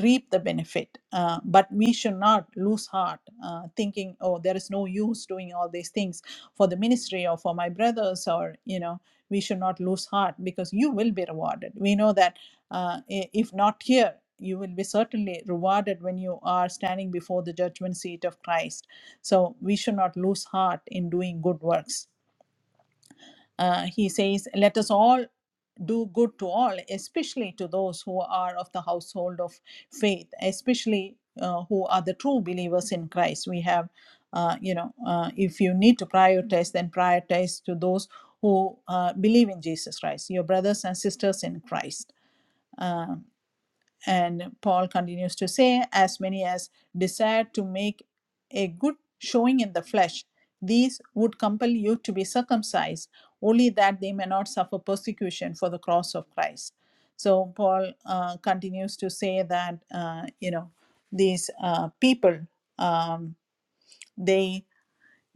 reap the benefit. Uh, but we should not lose heart, uh, thinking, oh, there is no use doing all these things for the ministry or for my brothers, or, you know, we should not lose heart because you will be rewarded. We know that uh, i- if not here, you will be certainly rewarded when you are standing before the judgment seat of Christ. So we should not lose heart in doing good works. Uh, he says, Let us all do good to all, especially to those who are of the household of faith, especially uh, who are the true believers in Christ. We have, uh, you know, uh, if you need to prioritize, then prioritize to those who uh, believe in Jesus Christ, your brothers and sisters in Christ. Uh, and Paul continues to say, as many as desire to make a good showing in the flesh, these would compel you to be circumcised, only that they may not suffer persecution for the cross of Christ. So Paul uh, continues to say that, uh, you know, these uh, people, um, they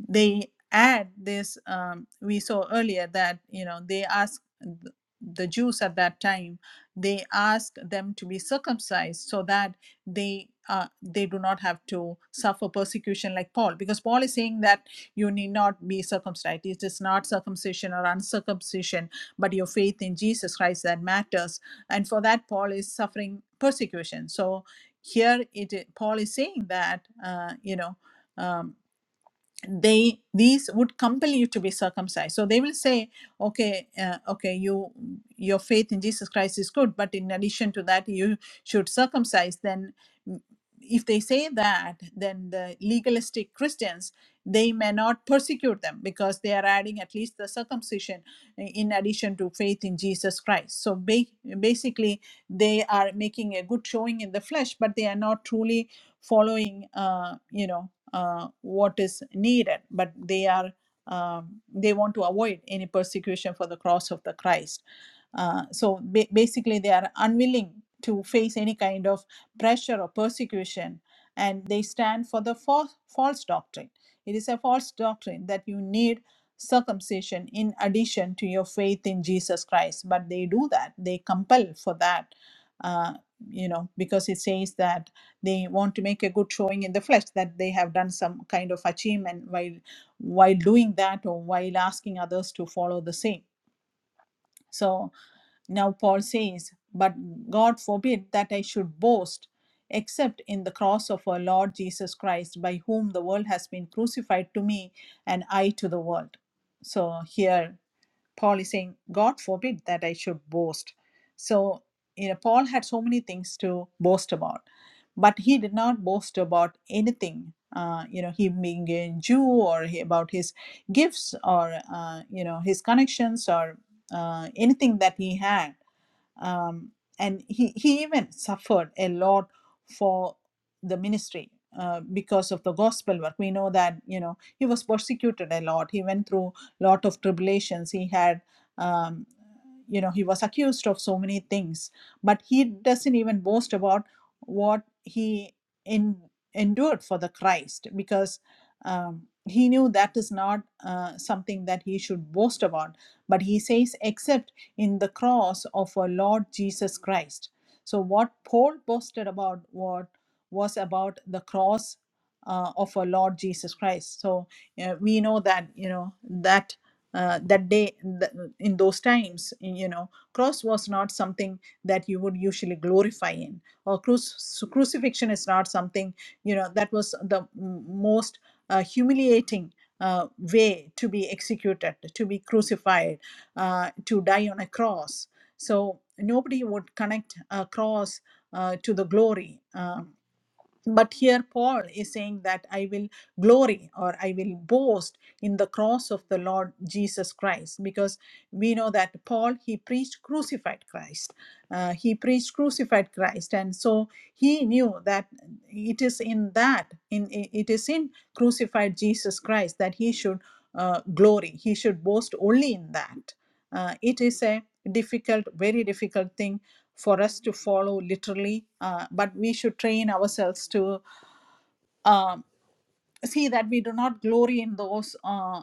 they add this um, we saw earlier that you know they ask th- the jews at that time they ask them to be circumcised so that they uh, they do not have to suffer persecution like paul because paul is saying that you need not be circumcised it is not circumcision or uncircumcision but your faith in jesus christ that matters and for that paul is suffering persecution so here it paul is saying that uh, you know Um, they these would compel you to be circumcised so they will say okay uh, okay you your faith in jesus christ is good but in addition to that you should circumcise then mm, if they say that then the legalistic christians they may not persecute them because they are adding at least the circumcision in addition to faith in jesus christ so ba- basically they are making a good showing in the flesh but they are not truly following uh, you know uh, what is needed, but they are um, they want to avoid any persecution for the cross of the Christ. Uh, so ba- basically, they are unwilling to face any kind of pressure or persecution, and they stand for the false, false doctrine. It is a false doctrine that you need circumcision in addition to your faith in Jesus Christ, but they do that. They compel for that, uh, you know, because it says that they want to make a good showing in the flesh that they have done some kind of achievement while while doing that or while asking others to follow the same so now paul says but god forbid that i should boast except in the cross of our lord jesus christ by whom the world has been crucified to me and i to the world so here Paul is saying, God forbid that I should boast. So, you know, Paul had so many things to boast about, but he did not boast about anything. Uh, you know, him being a Jew, or he, about his gifts, or uh, you know, his connections, or uh, anything that he had um, and he, he even suffered a lot for the ministry uh, because of the gospel work we know that you know he was persecuted a lot he went through a lot of tribulations he had um, you know he was accused of so many things but he doesn't even boast about what he in, endured for the christ because um, he knew that is not uh, something that he should boast about but he says except in the cross of our Lord Jesus Christ. So, what Paul posted about what was about the cross uh, of our Lord Jesus Christ. So, uh, we know that you know that uh, that day th- in those times, you know, cross was not something that you would usually glorify in, or cruci- crucifixion is not something you know that was the m- most uh, humiliating uh, way to be executed, to be crucified uh, to die on a cross. So nobody would connect a cross uh, to the glory. Um, but here Paul is saying that I will glory or I will boast in the cross of the Lord Jesus Christ because we know that Paul he preached crucified Christ. Uh, he preached crucified Christ, and so he knew that it is in that in it is in crucified Jesus Christ that he should uh, glory. He should boast only in that. Uh, it is a difficult, very difficult thing for us to follow literally, uh, but we should train ourselves to um, see that we do not glory in those. Uh,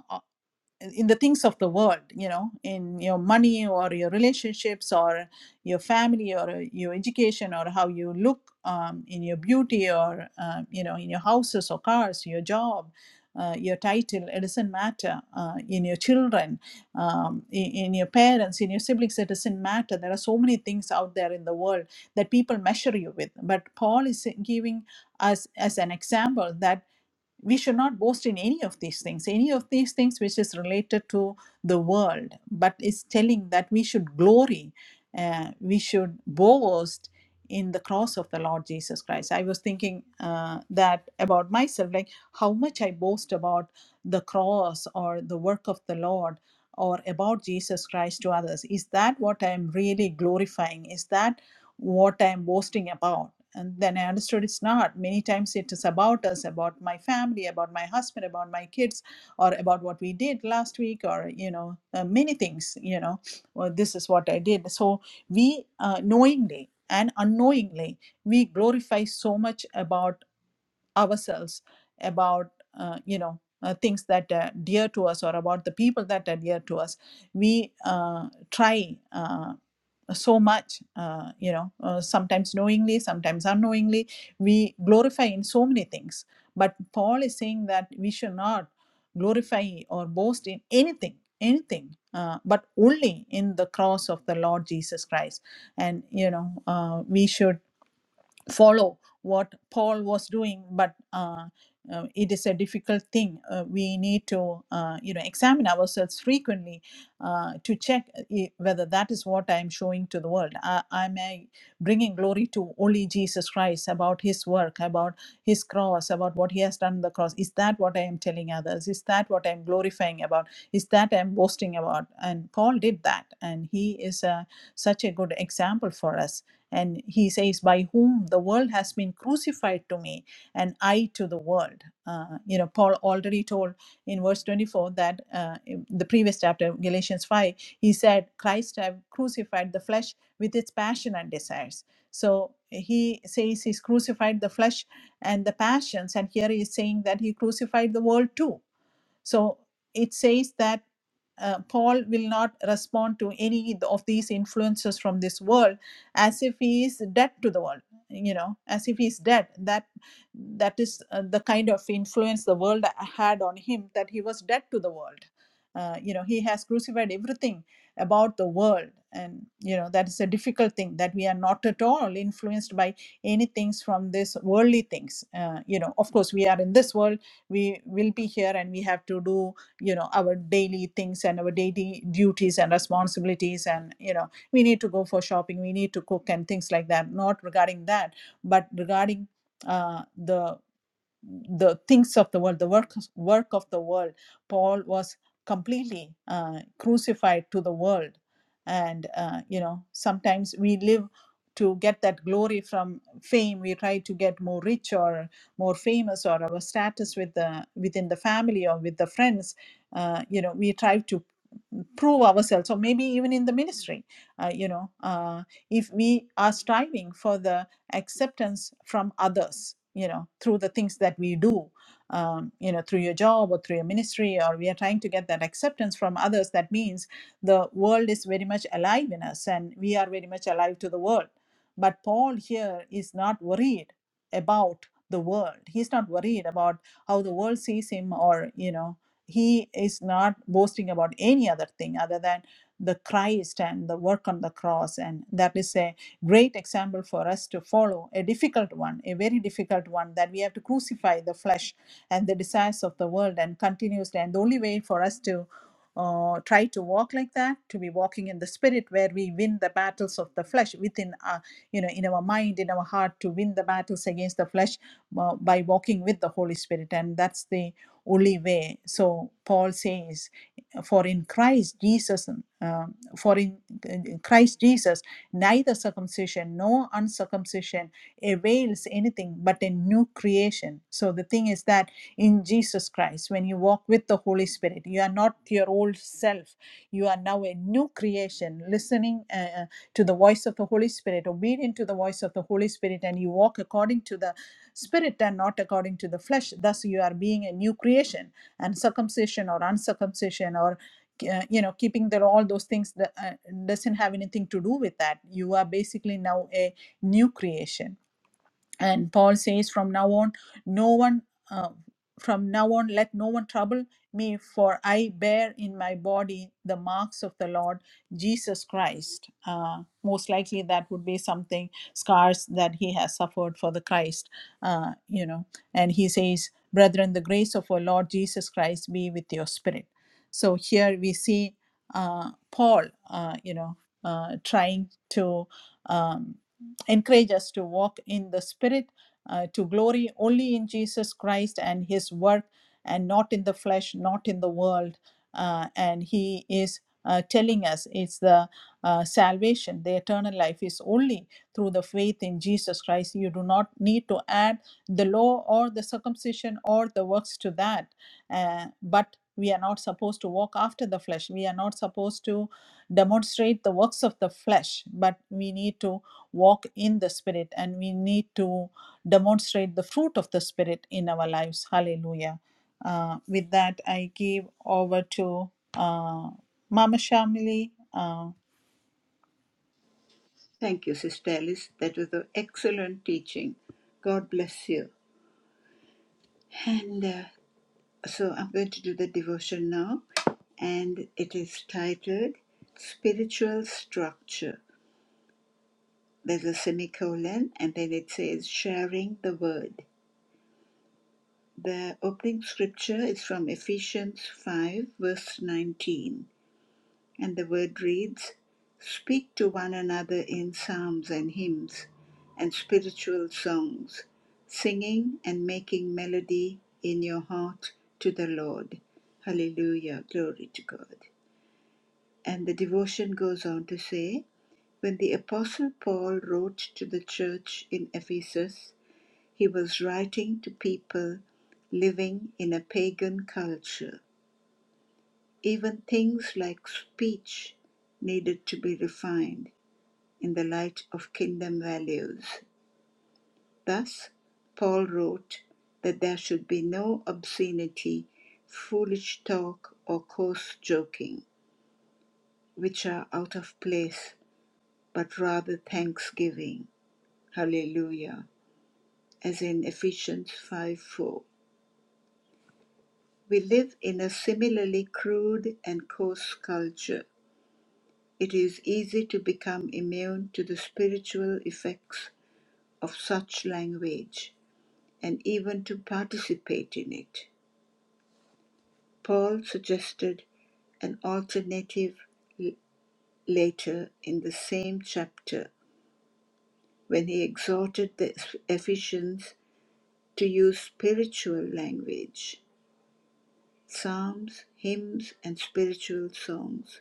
in the things of the world you know in your money or your relationships or your family or uh, your education or how you look um, in your beauty or um, you know in your houses or cars your job uh, your title it doesn't matter uh, in your children um, in, in your parents in your siblings it doesn't matter there are so many things out there in the world that people measure you with but paul is giving us as an example that we should not boast in any of these things, any of these things which is related to the world, but is telling that we should glory, uh, we should boast in the cross of the Lord Jesus Christ. I was thinking uh, that about myself, like how much I boast about the cross or the work of the Lord or about Jesus Christ to others. Is that what I am really glorifying? Is that what I'm boasting about. And then I understood it's not. Many times it is about us, about my family, about my husband, about my kids, or about what we did last week, or, you know, uh, many things, you know, well, this is what I did. So we uh, knowingly and unknowingly, we glorify so much about ourselves, about, uh, you know, uh, things that are dear to us or about the people that are dear to us we uh, try uh, so much uh, you know uh, sometimes knowingly sometimes unknowingly we glorify in so many things but paul is saying that we should not glorify or boast in anything anything uh, but only in the cross of the lord jesus christ and you know uh, we should follow what Paul was doing, but uh, uh, it is a difficult thing. Uh, we need to, uh, you know, examine ourselves frequently uh, to check uh, i- whether that is what I am showing to the world. I, am I bringing glory to only Jesus Christ about His work, about His cross, about what He has done on the cross? Is that what I am telling others? Is that what I am glorifying about? Is that I am boasting about? And Paul did that, and he is a, such a good example for us and he says, By whom the world has been crucified to me, and I to the world. Uh, you know, Paul already told in verse 24 that uh, in the previous chapter, Galatians 5, he said, Christ have crucified the flesh with its passion and desires. So he says he's crucified the flesh and the passions, and here he is saying that he crucified the world too so it says that uh, Paul will not respond to any of these influences from this world as if he is dead to the world you know as if he is dead that that is uh, the kind of influence the world had on him that he was dead to the world uh, you know he has crucified everything about the world and you know that is a difficult thing that we are not at all influenced by any things from this worldly things uh, you know of course we are in this world we will be here and we have to do you know our daily things and our daily duties and responsibilities and you know we need to go for shopping we need to cook and things like that not regarding that but regarding uh, the the things of the world, the work, work of the world. Paul was completely uh, crucified to the world. And, uh, you know, sometimes we live to get that glory from fame. We try to get more rich or more famous or our status with the, within the family or with the friends. Uh, you know, we try to prove ourselves or maybe even in the ministry uh, you know uh, if we are striving for the acceptance from others you know through the things that we do um, you know through your job or through your ministry or we are trying to get that acceptance from others that means the world is very much alive in us and we are very much alive to the world but paul here is not worried about the world he's not worried about how the world sees him or you know he is not boasting about any other thing other than the christ and the work on the cross and that is a great example for us to follow, a difficult one, a very difficult one, that we have to crucify the flesh and the desires of the world and continuously. And the only way for us to uh, try to walk like that to be walking in the spirit where we win the battles of the flesh within our you know in our mind in our heart to win the battles against the flesh uh, by walking with the holy spirit and that's the only way so paul says for in christ jesus um, for in, in christ jesus Neither circumcision nor uncircumcision avails anything but a new creation. So the thing is that in Jesus Christ, when you walk with the Holy Spirit, you are not your old self. You are now a new creation, listening uh, uh, to the voice of the Holy Spirit, obedient to the voice of the Holy Spirit, and you walk according to the Spirit and not according to the flesh. Thus, you are being a new creation. And circumcision or uncircumcision or uh, you know keeping that all those things that uh, doesn't have anything to do with that you are basically now a new creation and paul says from now on no one uh, from now on let no one trouble me for i bear in my body the marks of the lord jesus christ uh, most likely that would be something scars that he has suffered for the christ uh, you know and he says brethren the grace of our lord jesus christ be with your spirit so here we see uh, paul uh, you know uh, trying to um, encourage us to walk in the spirit uh, to glory only in jesus christ and his work and not in the flesh not in the world Uh, and he is uh, telling us it's the uh, salvation the eternal life is only through the faith in jesus christ you do not need to add the law or the circumcision or the works to that Uh, but we are not supposed to walk after the flesh we are not supposed to demonstrate the works of the flesh, but we need to walk in the Spirit and we need to demonstrate the fruit of the Spirit in our lives. Hallelujah. Uh, with that, I give over to uh, Mama Shamili. Uh, Thank you, Sister Alice. That was an excellent teaching. God bless you. And uh, so I'm going to do the devotion now, and it is titled Spiritual Structure. There's a semicolon, and then it says Sharing the Word. The opening scripture is from Ephesians 5, verse 19. And the word reads Speak to one another in psalms and hymns and spiritual songs, singing and making melody in your heart to the Lord. Hallelujah. Glory to God. And the devotion goes on to say When the Apostle Paul wrote to the church in Ephesus, he was writing to people living in a pagan culture even things like speech needed to be refined in the light of kingdom values. Thus, Paul wrote that there should be no obscenity, foolish talk, or coarse joking, which are out of place, but rather thanksgiving. Hallelujah. As in Ephesians 5 4. We live in a similarly crude and coarse culture It is easy to become immune to the spiritual effects of such language and even to participate in it. Paul suggested an alternative later in the same chapter when he exhorted the Ephesians to use spiritual language, psalms, hymns, and spiritual songs.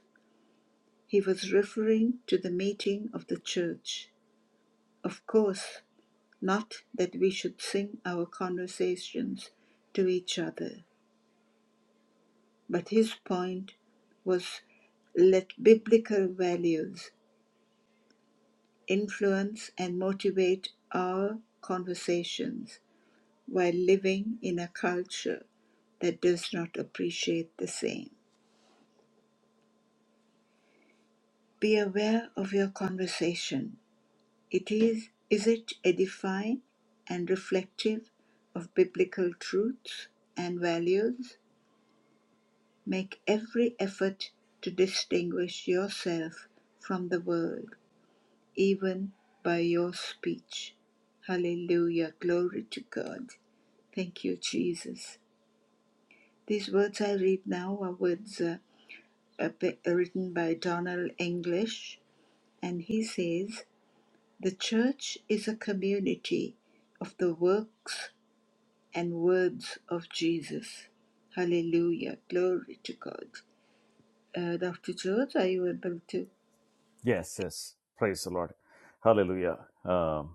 He was referring to the meeting of the church. Of course, Not that we should sing our conversations to each other, but his point was let biblical values influence and motivate our conversations while living in a culture that does not appreciate the same. Be aware of your conversation. It is is it edifying and reflective of biblical truths and values? Make every effort to distinguish yourself from the world, even by your speech. Hallelujah. Glory to God. Thank you, Jesus. These words I read now are words uh, uh, pe- written by Donald English, and he says, The church is a community of the works and words of Jesus. Hallelujah. Glory to God. Uh, Dr. George, are you able to? Yes, yes. Praise the Lord. Hallelujah. Um,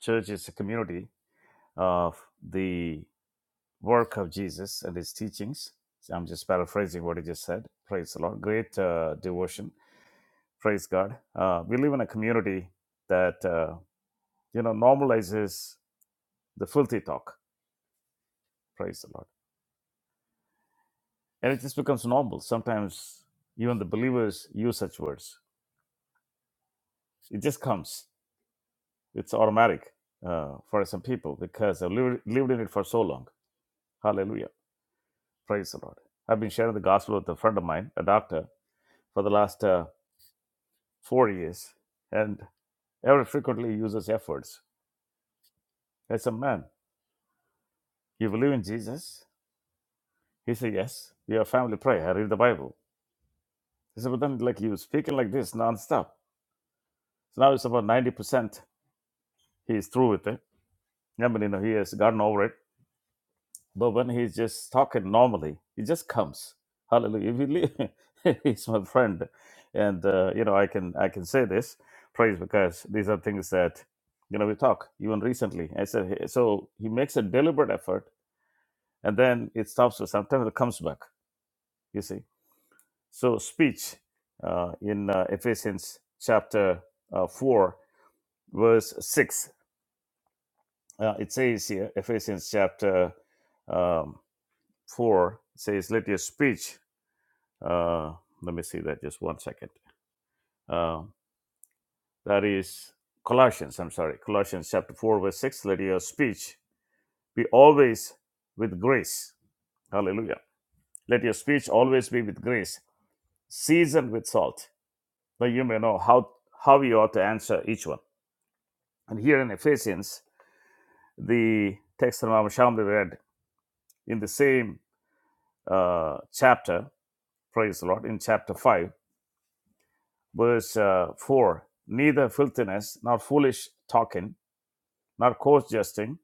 Church is a community of the work of Jesus and his teachings. So I'm just paraphrasing what he just said. Praise the Lord. Great uh, devotion. Praise God. Uh, we live in a community that, uh, you know, normalizes the filthy talk. Praise the Lord. And it just becomes normal. Sometimes even the believers use such words. It just comes. It's automatic uh, for some people because I've lived, lived in it for so long. Hallelujah. Praise the Lord. I've been sharing the gospel with a friend of mine, a doctor, for the last uh, four years, and Everett frequently uses F words. I said, man, you believe in Jesus? He said, yes. We have family prayer. I read the Bible. He said, but then like you speaking like this nonstop. So now it's about 90% he's through with it. I mean, you know, he has gotten over it But when he's just talking normally, he just comes. Hallelujah! If you leave, he's my friend, and uh, you know I can I can say this praise because these are things that you know we talk even recently. I said "Hey," so he makes a deliberate effort, and then it stops. So sometimes it comes back. You see, so speech uh, in uh, Ephesians chapter uh, four verse six. Uh, it says here Ephesians chapter um, four it says, "Let your speech." Uh, let me see that just one second. Uh, that is Colossians, I'm sorry, Colossians chapter 4, verse 6. Let your speech be always with grace. Hallelujah. Let your speech always be with grace, seasoned with salt, that you may know how, how you ought to answer each one. And here in Ephesians, the text that Mama Shamli read in the same uh, chapter, praise the Lord, in chapter 5, verse uh, 4 neither filthiness nor foolish talking nor coarse jesting,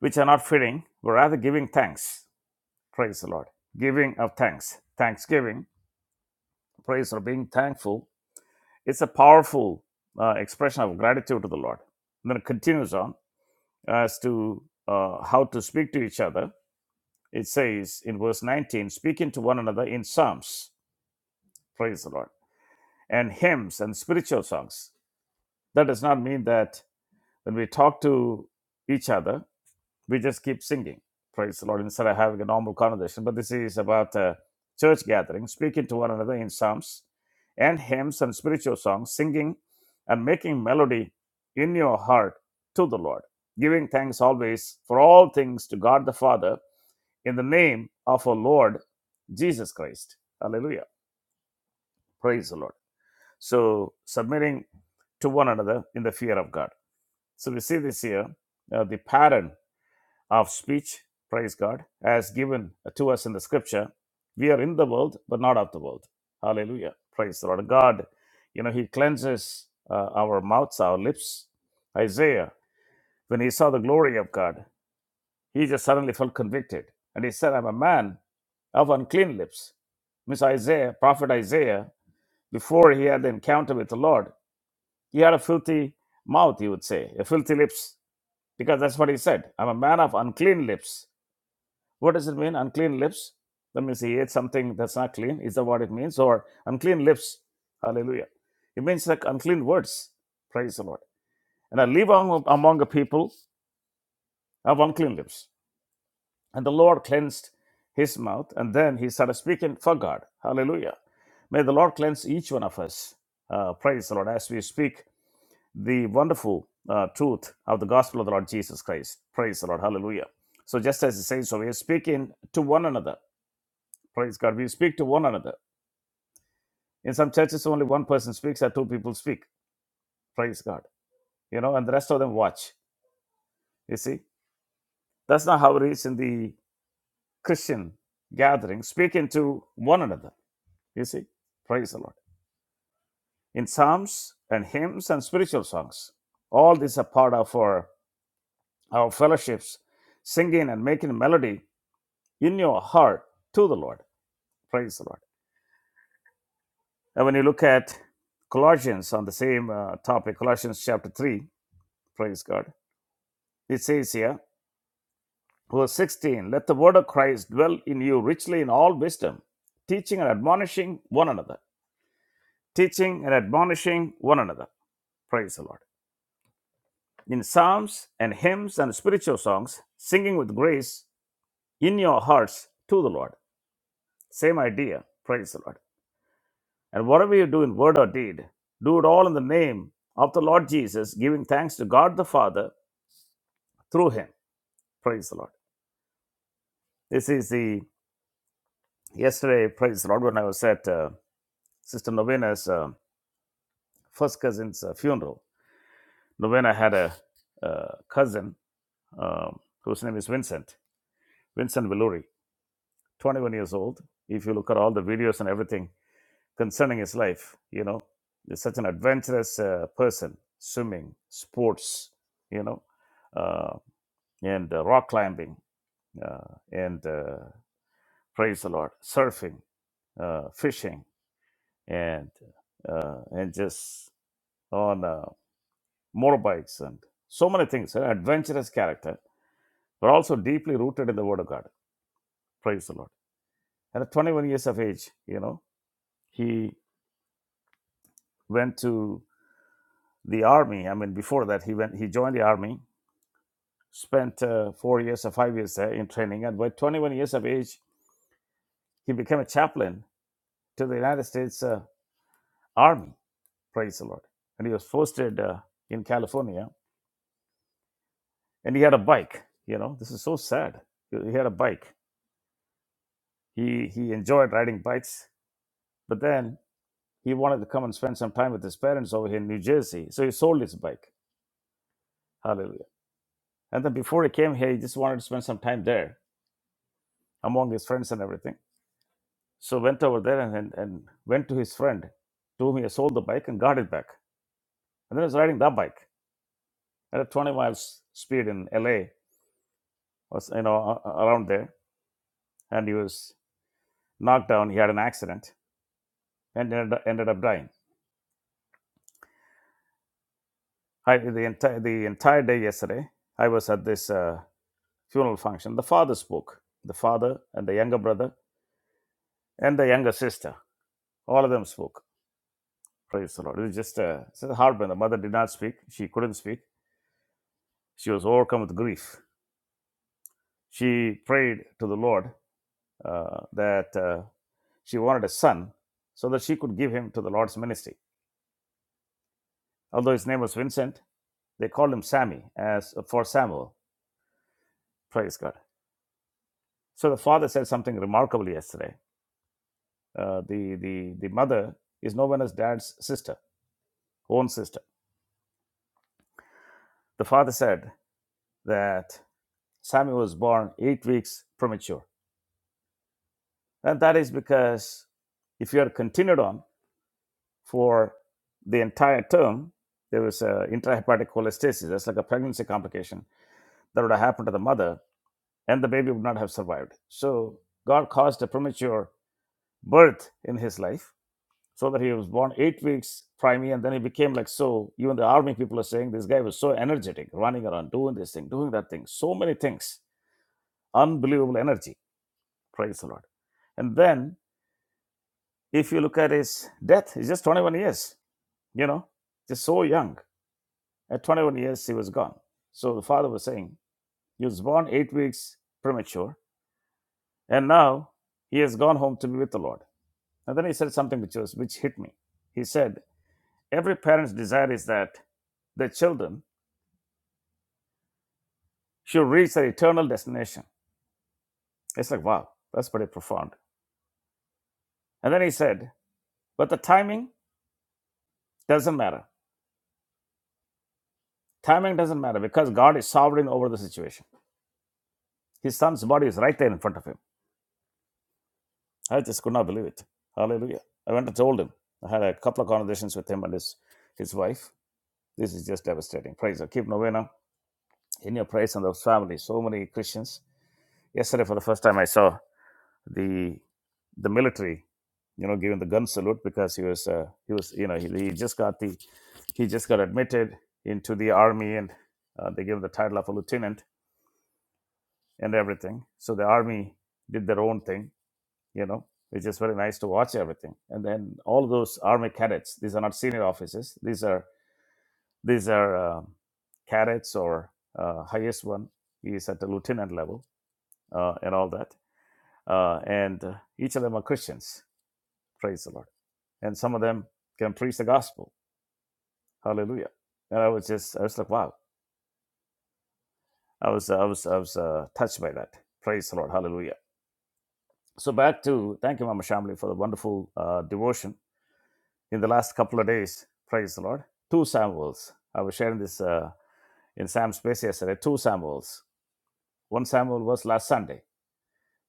which are not fitting, but rather giving thanks. Praise the Lord. Giving of thanks, thanksgiving, praise or being thankful. It's a powerful uh, expression of gratitude to the Lord. And then it continues on as to uh, how to speak to each other. It says in verse 19, speaking to one another in psalms, praise the Lord, and hymns and spiritual songs. That does not mean that when we talk to each other, we just keep singing. Praise the Lord. Instead of having a normal conversation, but this is about uh, church gathering, speaking to one another in psalms and hymns and spiritual songs, singing and making melody in your heart to the Lord, giving thanks always for all things to God the Father in the name of our Lord Jesus Christ. Hallelujah. Praise the Lord. So, submitting to one another in the fear of God. So, we see this here uh, the pattern of speech, praise God, as given to us in the scripture. We are in the world, but not of the world. Hallelujah. Praise the Lord. God, you know, He cleanses uh, our mouths, our lips. Isaiah, when he saw the glory of God, he just suddenly felt convicted. And he said, I'm a man of unclean lips. Miss Isaiah, prophet Isaiah, before he had the encounter with the Lord, he had a filthy mouth, you would say, a filthy lips, because that's what he said. I'm a man of unclean lips what does it mean? Unclean lips. That means he ate something that's not clean. Is that what it means? Or unclean lips. Hallelujah. It means like unclean words. Praise the Lord. And I live among, among a people of unclean lips. And the Lord cleansed his mouth. And then he started speaking for God. Hallelujah. May the Lord cleanse each one of us. Uh, praise the Lord. As we speak the wonderful uh, truth of the gospel of the Lord Jesus Christ. Praise the Lord. Hallelujah. So just as it says, so we are speaking to one another. Praise God. We speak to one another. In some churches, only one person speaks or two people speak. Praise God. You know, and the rest of them watch. You see, that's not how it is in the Christian gathering, speaking to one another. You see, praise the Lord. In psalms and hymns and spiritual songs, all these are part of our, our fellowships, singing and making melody in your heart to the Lord. Praise the Lord. And when you look at Colossians on the same uh, topic, Colossians chapter 3, praise God It says here, verse 16, let the word of Christ dwell in you richly in all wisdom, teaching and admonishing one another. Teaching and admonishing one another. Praise the Lord. In psalms and hymns and spiritual songs, singing with grace in your hearts to the Lord. Same idea. Praise the Lord. And whatever you do in word or deed, do it all in the name of the Lord Jesus, giving thanks to God the Father through him. Praise the Lord. This is the yesterday, praise the Lord, when I was at uh, Sister Novena's uh, first cousin's uh, funeral. Novena had a uh, cousin um, whose name is Vincent, Vincent Villuri, 21 years old. If you look at all the videos and everything concerning his life, you know, he's such an adventurous uh, person, swimming, sports, you know, uh, and uh, rock climbing, uh, and uh, praise the Lord, surfing, uh, fishing, and uh, and just on. Uh, motorbikes, and so many things. An adventurous character, but also deeply rooted in the Word of God. Praise the Lord. And at 21 years of age, you know, he went to the army. I mean, before that, he went. He joined the army, spent uh, four years or five years there in training, and by 21 years of age, he became a chaplain to the United States uh, Army. Praise the Lord. And he was posted uh, in California, and he had a bike. You know, this is so sad. He he had a bike. He he enjoyed riding bikes, but then He wanted to come and spend some time with his parents over here in New Jersey. So he sold his bike. Hallelujah. And then before he came here, he just wanted to spend some time there among his friends and everything. So went over there and, and, and went to his friend to whom he had sold the bike and got it back. And then he was riding that bike at a 20 miles speed in LA, was, you know, a- a- around there. And he was knocked down. He had an accident and ended, ended up dying. I, the, entire, the entire day yesterday, I was at this. uh, funeral function, the father spoke. The father and the younger brother and the younger sister, all of them spoke. Praise the Lord. It was just a, it's a hard one. The mother did not speak. She couldn't speak. She was overcome with grief. She prayed to the Lord uh, that uh, she wanted a son so that she could give him to the Lord's ministry. Although his name was Vincent, they called him Sammy as uh, for Samuel. Praise God. So the father said something remarkable yesterday. Uh, the, the, the mother is known as dad's sister, own sister the father said that Samuel was born eight weeks premature. And that is because if you had continued on for the entire term, there was a intrahepatic cholestasis. That's like a pregnancy complication that would have happened to the mother, and the baby would not have survived. So God caused a premature birth in his life so that he was born eight weeks primary, and then he became like so. Even the army people are saying this guy was so energetic, running around, doing this thing, doing that thing, so many things, unbelievable energy Praise the Lord. And then, if you look at his death, he's just 21 years, you know, just so young. At 21 years, he was gone. So the father was saying, He was born eight weeks premature, and now he has gone home to be with the Lord. And then he said something which, was, which hit me. He said, Every parent's desire is that their children should reach their eternal destination. It's like, wow, that's pretty profound. And then he said, But the timing doesn't matter. Timing doesn't matter because God is sovereign over the situation. His son's body was right there in front of him. I just could not believe it. Hallelujah. I went and told him. I had a couple of conversations with him and his, his wife. This is just devastating. Praise God. Keep novena in your praise and those families. So many Christians. Yesterday, for the first time, I saw the the military, you know, giving the gun salute because he was uh, he was you know he, he just got the he just got admitted into the army and uh, they gave him the title of a lieutenant and everything. So the army did their own thing you know, it's just very nice to watch everything. And then all those army cadets, these are not senior officers. These are these are um cadets or uh, highest one is at the lieutenant level uh, and all that. Uh, and uh, each of them are Christians. Praise the Lord. And some of them can preach the gospel. Hallelujah. And I was just I was like, wow. I was I was I was uh, touched by that. Praise the Lord. Hallelujah. So back to thank you, Mama Shamli, for the wonderful uh, devotion in the last couple of days. Praise the Lord. Two Samuels. I was sharing this uh, in Sam's space yesterday. Two Samuels. One Samuel was last Sunday.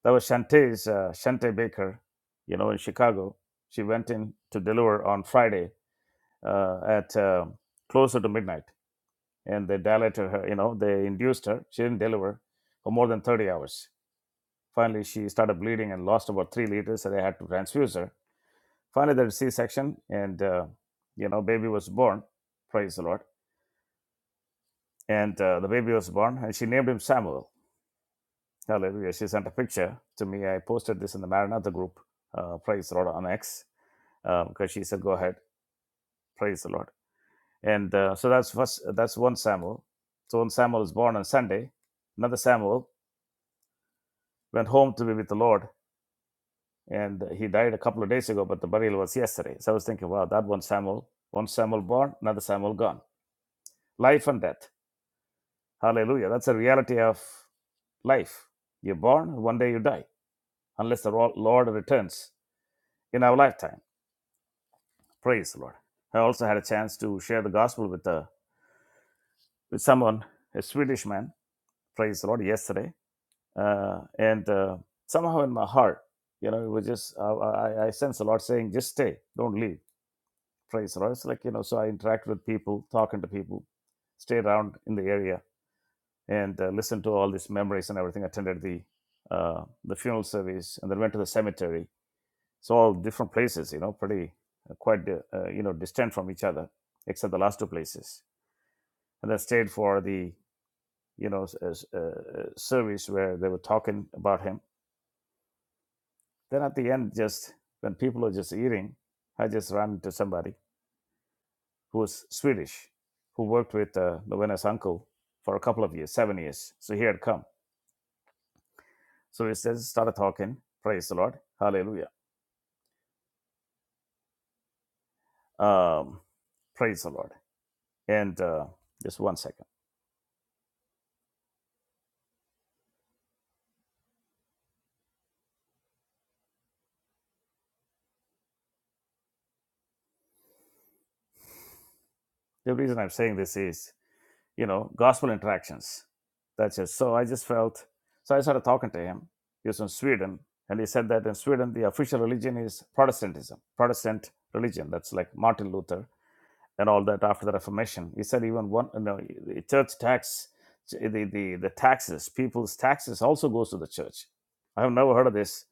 That was Shantae's, uh, Shantae Baker, you know, in Chicago. She went in to deliver on Friday uh, at uh, closer to midnight. And they dilated her, you know, they induced her. She didn't deliver for more than 30 hours. Finally, she started bleeding and lost about three liters, so they had to transfuse her. Finally, they had a C section, and, uh, you know, baby was born. Praise the Lord and uh, the baby was born and she named him samuel hallelujah she sent a picture to me i posted this in the maranatha group uh, praise the lord on x uh, because she said go ahead praise the lord and uh, so that's first that's one samuel so when samuel was born on sunday another samuel went home to be with the lord and he died a couple of days ago but the burial was yesterday so i was thinking wow that one samuel one samuel born another samuel gone life and death hallelujah that's a reality of life you're born one day you die unless the Lord returns in our lifetime. Praise the Lord. I also had a chance to share the gospel with, uh, with someone, a Swedish man, praise the Lord, yesterday. Uh, and uh, somehow in my heart, you know, it was just, I, I, I sense the Lord saying, just stay, don't leave. Praise the Lord. It's like, you know, so I interact with people, talking to people, stay around in the area and uh, listen to all these memories and everything. Attended the uh, the funeral service and then went to the cemetery so all different places you know pretty uh, quite uh, uh, you know distant from each other except the last two places and then stayed for the you know s- uh, uh, uh, service where they were talking about him then at the end just when people were just eating i just ran into somebody who was swedish who worked with uh, novena's uncle for a couple of years seven years so he had come so we just started talking praise the lord hallelujah um, praise the lord and uh, just one second the reason i'm saying this is you know, gospel interactions. That's it. So I just felt, so I started talking to him. He was from Sweden, and he said that in Sweden, the official religion is Protestantism, Protestant religion. That's like Martin Luther and all that after the Reformation. He said even one, you know, the church tax, the, the, the taxes, people's taxes also goes to the church. I have never heard of this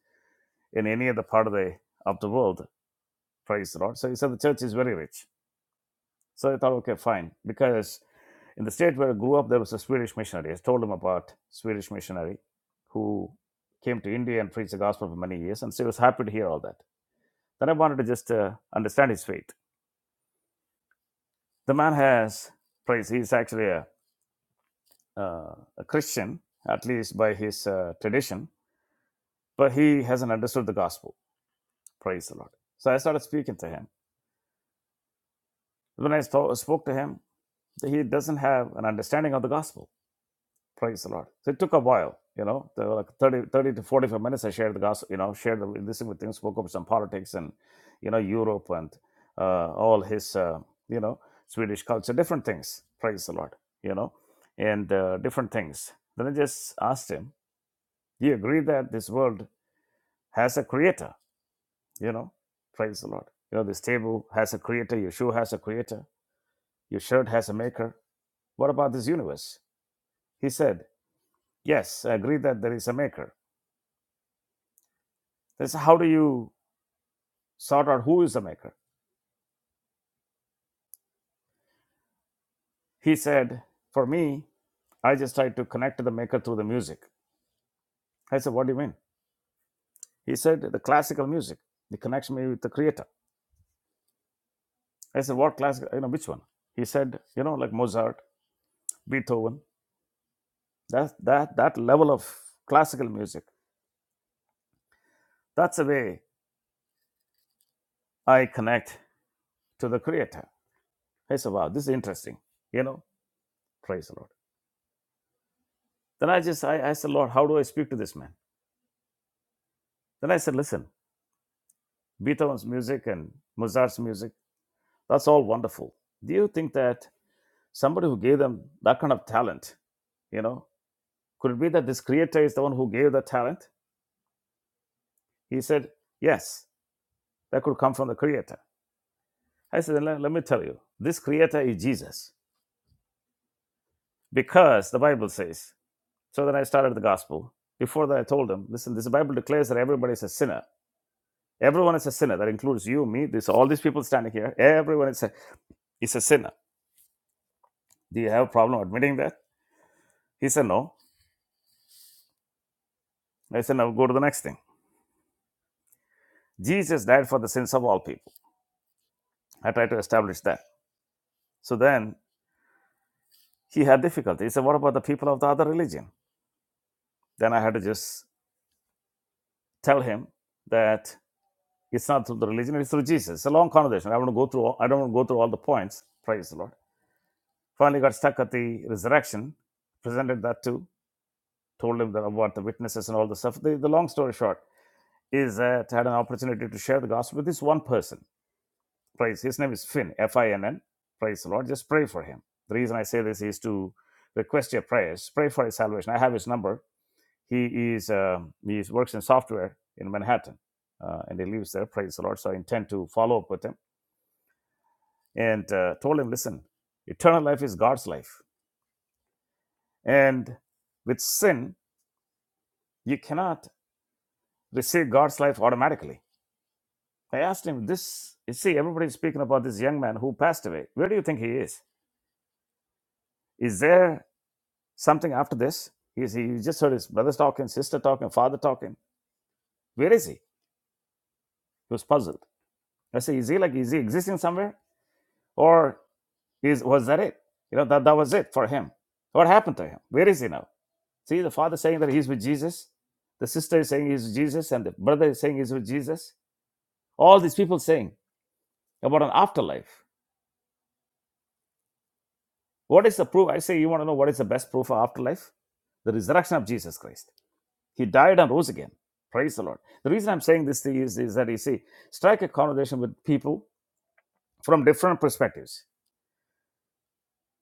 in any other part of the, of the world. Praise the Lord. So he said the church is very rich so I thought, okay, fine. Because in the state where I grew up, there was a Swedish missionary. I told him about Swedish missionary who came to India and preached the gospel for many years, and so he was happy to hear all that. Then I wanted to just uh, understand his faith. The man has, praise, he's actually a, uh, a Christian, at least by his uh, tradition, but he hasn't understood the gospel. Praise the Lord. So I started speaking to him. When I sto- spoke to him, he doesn't have an understanding of the gospel Praise the Lord. So it took a while, you know, there were like 30, to 45 minutes. I shared the gospel, you know, shared the, this with him, spoke of some politics and, you know, Europe and uh, all his, uh, you know, Swedish culture, different things. Praise the Lord, you know, and uh, different things. Then I just asked him, Do you agree that this world has a creator? You know, praise the Lord. You know, this table has a creator, your shoe has a creator, your shirt has a maker. What about this universe? He said, Yes, I agree that there is a maker They said, How do you sort out who is the maker? He said, For me, I just tried to connect to the maker through the music. I said, What do you mean? He said, The classical music, it connects me with the creator. I said, What classical, you know, which one? He said, You know, like Mozart, Beethoven, that, that, that level of classical music. That's the way I connect to the creator. I said, Wow, this is interesting. You know, praise the Lord. Then I just, I, I said, Lord, how do I speak to this man? Then I said, Listen, Beethoven's music and Mozart's music That's all wonderful. Do you think that somebody who gave them that kind of talent, you know, could it be that this creator is the one who gave the talent? He said, Yes, that could come from the creator. I said, "Then Let let me tell you, this creator is Jesus because the Bible says. So then I started the gospel. Before that, I told him, Listen, this Bible declares that everybody is a sinner. Everyone is a sinner. That includes you, me, this, all these people standing here. Everyone is a, is a sinner. Do you have a problem admitting that? He said, No. I said, Now go to the next thing. Jesus died for the sins of all people. I tried to establish that. So then he had difficulty. He said, What about the people of the other religion? Then I had to just tell him that it's not through the religion, it's through Jesus. It's a long conversation. I don't want to go through all, I don't want to go through all the points. Praise the Lord. Finally got stuck at the resurrection, presented that to, told him that about the witnesses and all the stuff. The, the long story short is that I had an opportunity to share the gospel with this one person Praise. His name is Finn, F I N N. Praise the Lord. Just pray for him. The reason I say this is to request your prayers. Pray for his salvation. I have his number. He is um, he works in software in Manhattan, uh, and he lives there. Praise the Lord. So I intend to follow up with him and uh, told him, listen, eternal life is God's life, and with sin you cannot receive God's life automatically. I asked him this. You see, everybody's speaking about this young man who passed away. Where do you think he is? Is there something after this. he he just heard his brothers talking, sister talking, father talking. Where is he? He was puzzled. I say, is he like, is he existing somewhere? Or is was that it? You know, that, that was it for him. What happened to him? Where is he now? See, the father saying that he's with Jesus. The sister is saying he's with Jesus. And the brother is saying he's with Jesus. All these people saying about an afterlife. What is the proof? I say, you want to know what is the best proof of afterlife? The resurrection of Jesus Christ. He died and rose again. Praise the Lord. The reason I'm saying this thing is, is that you see, strike a conversation with people from different perspectives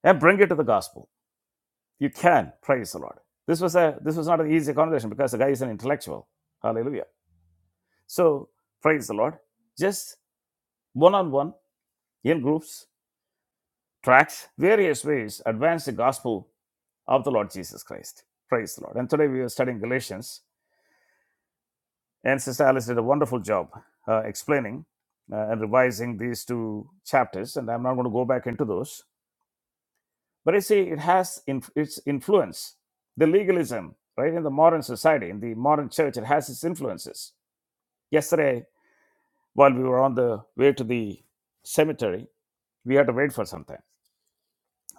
and bring it to the gospel. You can, praise the Lord. This was a this was not an easy conversation because the guy is an intellectual. Hallelujah. So praise the Lord. Just one on one, in groups, tracks, various ways, advance the gospel of the Lord Jesus Christ. Praise the Lord. And today we are studying Galatians And Sister Alice did a wonderful job uh, explaining uh, and revising these two chapters, and I'm not going to go back into those. But you see, it has inf- its influence. The legalism, right, in the modern society, in the modern church, it has its influences. Yesterday, while we were on the way to the cemetery, we had to wait for some time.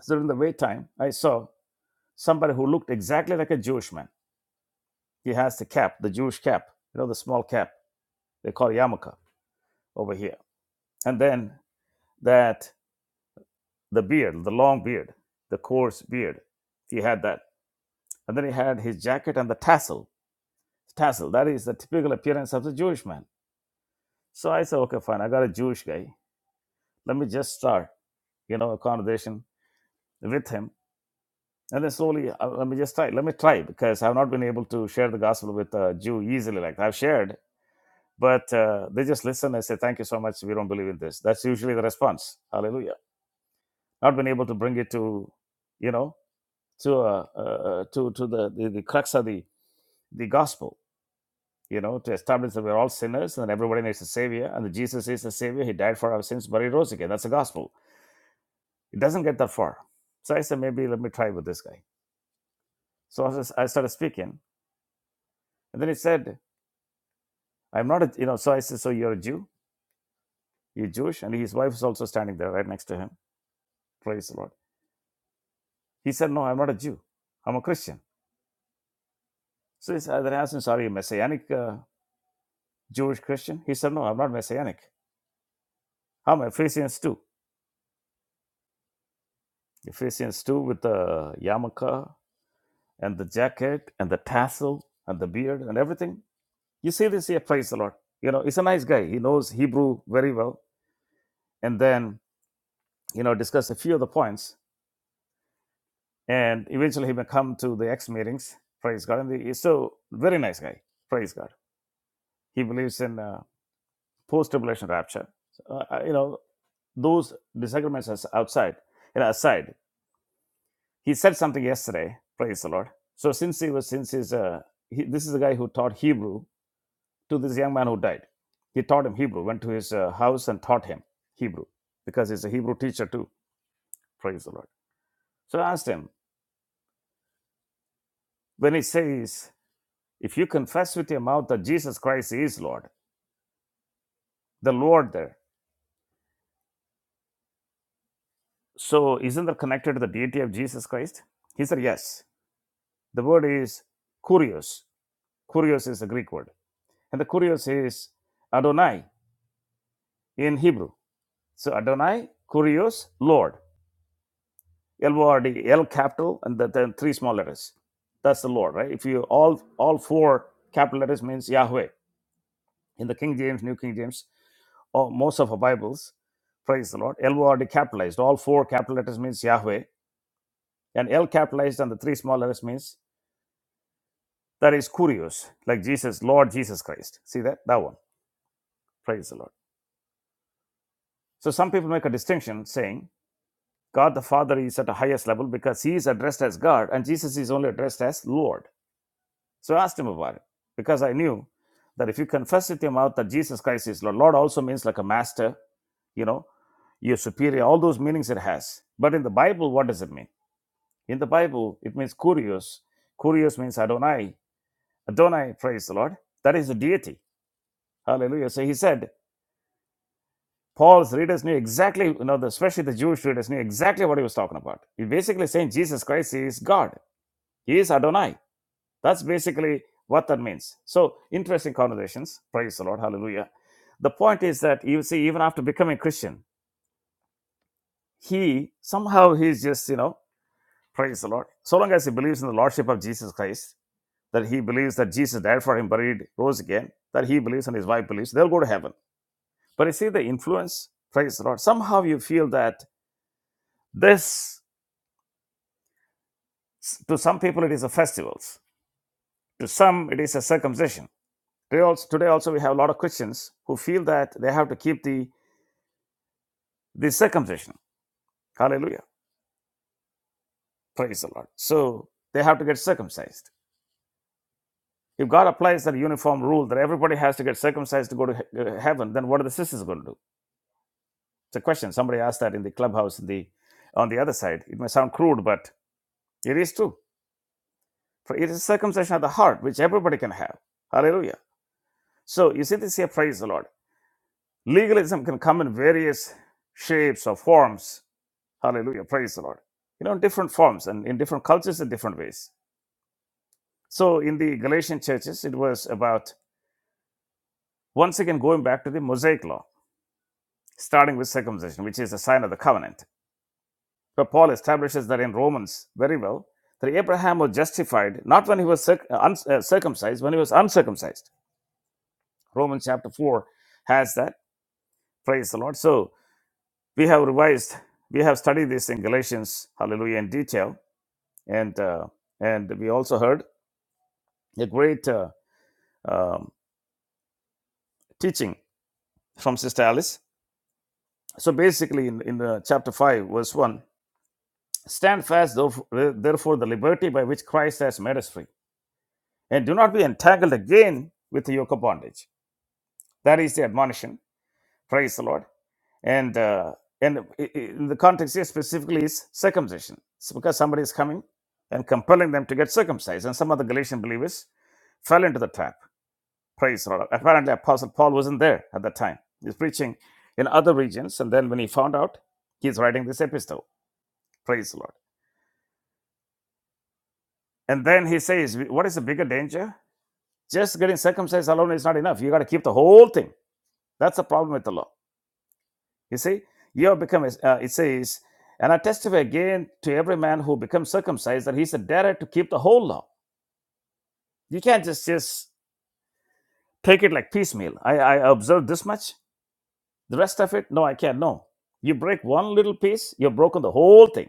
So during the wait time, I saw somebody who looked exactly like a Jewish man. He has the cap, the Jewish cap, you know, the small cap they call yarmulke over here. And then that the beard, the long beard, the coarse beard. He had that. And then he had his jacket and the tassel. Tassel, that is the typical appearance of the Jewish man. So I said, okay, fine, I got a Jewish guy. Let me just start, you know, a conversation with him. And then slowly, uh, let me just try. Let me try because I've not been able to share the gospel with a Jew easily like that. I've shared. But uh, they just listen and say, thank you so much. We don't believe in this. That's usually the response. Hallelujah. Not been able to bring it to, you know, to uh, uh, to to the, the the crux of the the gospel you know to establish that we're all sinners and everybody needs a savior and that jesus is the savior he died for our sins but he rose again that's the gospel it doesn't get that far so i said maybe let me try with this guy so i, was, I started speaking and then he said i'm not a you know so i said so you're a jew you're jewish and his wife is also standing there right next to him praise the lord he said no i'm not a jew i'm a christian so he said, then I asked him, sorry, messianic uh, Jewish Christian? He said, no, I'm not messianic. I'm a Ephesians too. Ephesians 2 with the yarmulke and the jacket and the tassel and the beard and everything. You see this here, praise the Lord. You know, he's a nice guy. He knows Hebrew very well. And then, you know, discuss a few of the points. And eventually he may come to the X meetings, praise God. And he's so very nice guy, praise God. He believes in uh, post-tribulation rapture. So, Uh, uh, you know, those disagreements as outside and aside he said something yesterday praise the lord so since he was since he's uh, he, this is the guy who taught hebrew to this young man who died he taught him hebrew went to his uh, house and taught him hebrew because he's a hebrew teacher too praise the lord so i asked him when he says if you confess with your mouth that jesus christ is lord the lord there so isn't that connected to the deity of jesus christ he said yes the word is kurios kurios is a greek word and the kurios is adonai in hebrew So Adonai, Kurios, Lord. L O R D, L capital, and the, then three small letters. That's the Lord, right? If you all all four capital letters means Yahweh in the King James, New King James, or most of our Bibles, praise the Lord. L O R D capitalized. All four capital letters means Yahweh, and L capitalized and the three small letters means that is Kurios, like Jesus, Lord Jesus Christ. See that that one. Praise the Lord. So some people make a distinction saying God the Father is at a highest level because he is addressed as God and Jesus is only addressed as Lord. So I asked him about it because I knew that if you confess with your mouth that Jesus Christ is Lord, Lord also means like a master, you know, you superior, all those meanings it has. But in the Bible, what does it mean? In the Bible, it means kurios. Kurios means Adonai. Adonai, praise the Lord. That is the deity. Hallelujah. So he said, Paul's readers knew exactly, you know, the, especially the Jewish readers knew exactly what he was talking about. He basically saying Jesus Christ is God. He is Adonai. That's basically what that means. So, interesting conversations. Praise the Lord. Hallelujah. The point is that you see, even after becoming Christian, he somehow he's just, you know, praise the Lord. So long as he believes in the Lordship of Jesus Christ, that he believes that Jesus died for him, buried, rose again, that he believes and his wife believes, they'll go to heaven. But you see the influence, praise the Lord. Somehow you feel that this, to some people, it is a festivals. To some, it is a circumcision Today also, today also we have a lot of Christians who feel that they have to keep the, the circumcision. Hallelujah. Praise the Lord. So they have to get circumcised. If God applies that uniform rule that everybody has to get circumcised to go to he- uh, heaven, then what are the sisters going to do? It's a question. Somebody asked that in the clubhouse in the, on the other side. It may sound crude, but it is true. For it is circumcision of the heart, which everybody can have. Hallelujah. So you see this here, praise the Lord. Legalism can come in various shapes or forms Hallelujah. Praise the Lord. You know, in different forms and in different cultures in different ways. So in the Galatian churches, it was about once again going back to the Mosaic law, starting with circumcision, which is a sign of the covenant. But Paul establishes that in Romans very well that Abraham was justified not when he was circ- uh, un- uh, circumcised, when he was uncircumcised. Romans chapter 4 has that. Praise the Lord. So we have revised, we have studied this in Galatians, hallelujah, in detail. And, uh, and we also heard a great. Uh, um, teaching from Sister Alice. So basically, in, in the chapter 5, verse 1, stand fast, therefore, therefore, the liberty by which Christ has made us free, and do not be entangled again with the yoke of bondage. That is the admonition. Praise the Lord. And uh, and i- i- in the context here specifically is circumcision. It's because somebody is coming and compelling them to get circumcised. And some of the Galatian believers fell into the trap Praise the Lord. Apparently, Apostle Paul wasn't there at that time. He's preaching in other regions. And then when he found out, he's writing this epistle. Praise the Lord. And then he says, What is the bigger danger? Just getting circumcised alone is not enough. You got to keep the whole thing. That's the problem with the law. You see, you have become, uh, it says, and I testify again to every man who becomes circumcised that he's a debtor to keep the whole law. You can't just, just take it like piecemeal. I, I observed this much The rest of it, no, I can't. No. You break one little piece, you've broken the whole thing.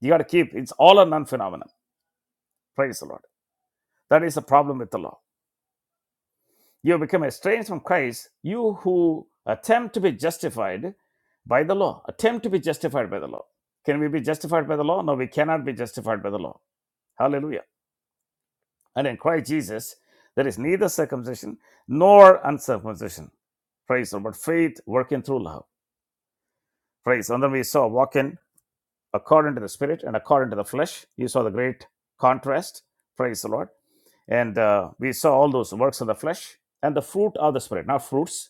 You got to keep it's all or none phenomenon. Praise the Lord. That is the problem with the law. You have become estranged from Christ, you who attempt to be justified by the law. Attempt to be justified by the law. Can we be justified by the law? No, we cannot be justified by the law. Hallelujah. And in Christ Jesus, there is neither circumcision nor uncircumcision. Praise the Lord. But faith working through love. Praise. And then we saw walking. according to the spirit and according to the flesh. You saw the great contrast. Praise the Lord. And uh, we saw all those works of the flesh and the fruit of the spirit, not fruits.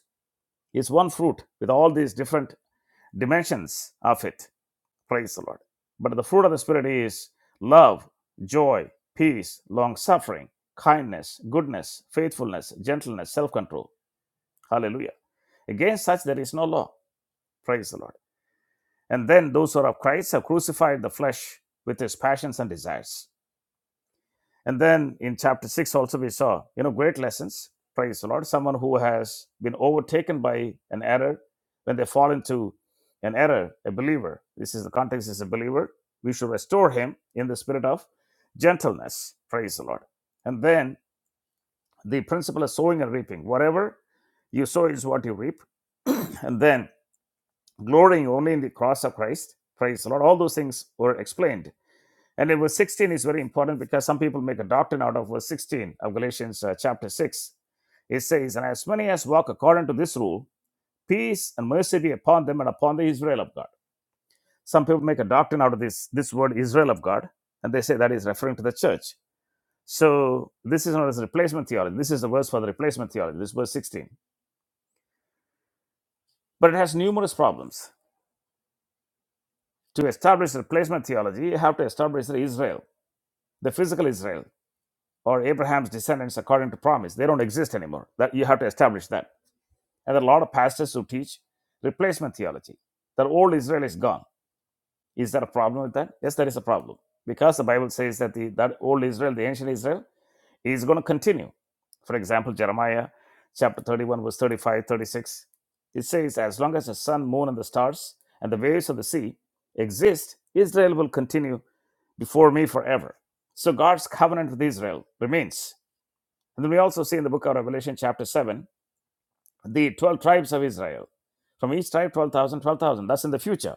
It's one fruit with all these different dimensions of it. Praise the Lord. But the fruit of the spirit is love, joy, peace, long suffering, kindness, goodness, faithfulness, gentleness, self control. Hallelujah. Against such there is no law. Praise the Lord. And then those who are of Christ have crucified the flesh with its passions and desires. And then in chapter 6 also we saw, you know, great lessons. Praise the Lord. Someone who has been overtaken by an error, when they fall into an error, a believer, this is the context is a believer, we should restore him in the spirit of gentleness. Praise the Lord. And then the principle of sowing and reaping. Whatever you sow is what you reap. And then glorying only in the cross of Christ. Praise the Lord. All those things were explained And in verse 16 is very important because some people make a doctrine out of verse 16 of Galatians uh, chapter 6. It says, And as many as walk according to this rule, peace and mercy be upon them and upon the Israel of God. Some people make a doctrine out of this, this word Israel of God, and they say that is referring to the church. So this is not as replacement theology. This is the verse for the replacement theology. This is verse 16. But it has numerous problems. To establish replacement theology, you have to establish the Israel, the physical Israel. or Abraham's descendants according to promise. They don't exist anymore. That you have to establish that. And there are a lot of pastors who teach replacement theology. That old Israel is gone. Is there a problem with that? Yes, there is a problem. Because the Bible says that the that old Israel, the ancient Israel, is going to continue. For example, Jeremiah chapter 31, verse 35, 36. It says, As long as the sun, moon, and the stars and the waves of the sea exist, Israel will continue before me forever. So God's covenant with Israel remains and then we also see in the book of Revelation, chapter 7, the 12 tribes of Israel. From each tribe, 12,000, 12,000. That's in the future.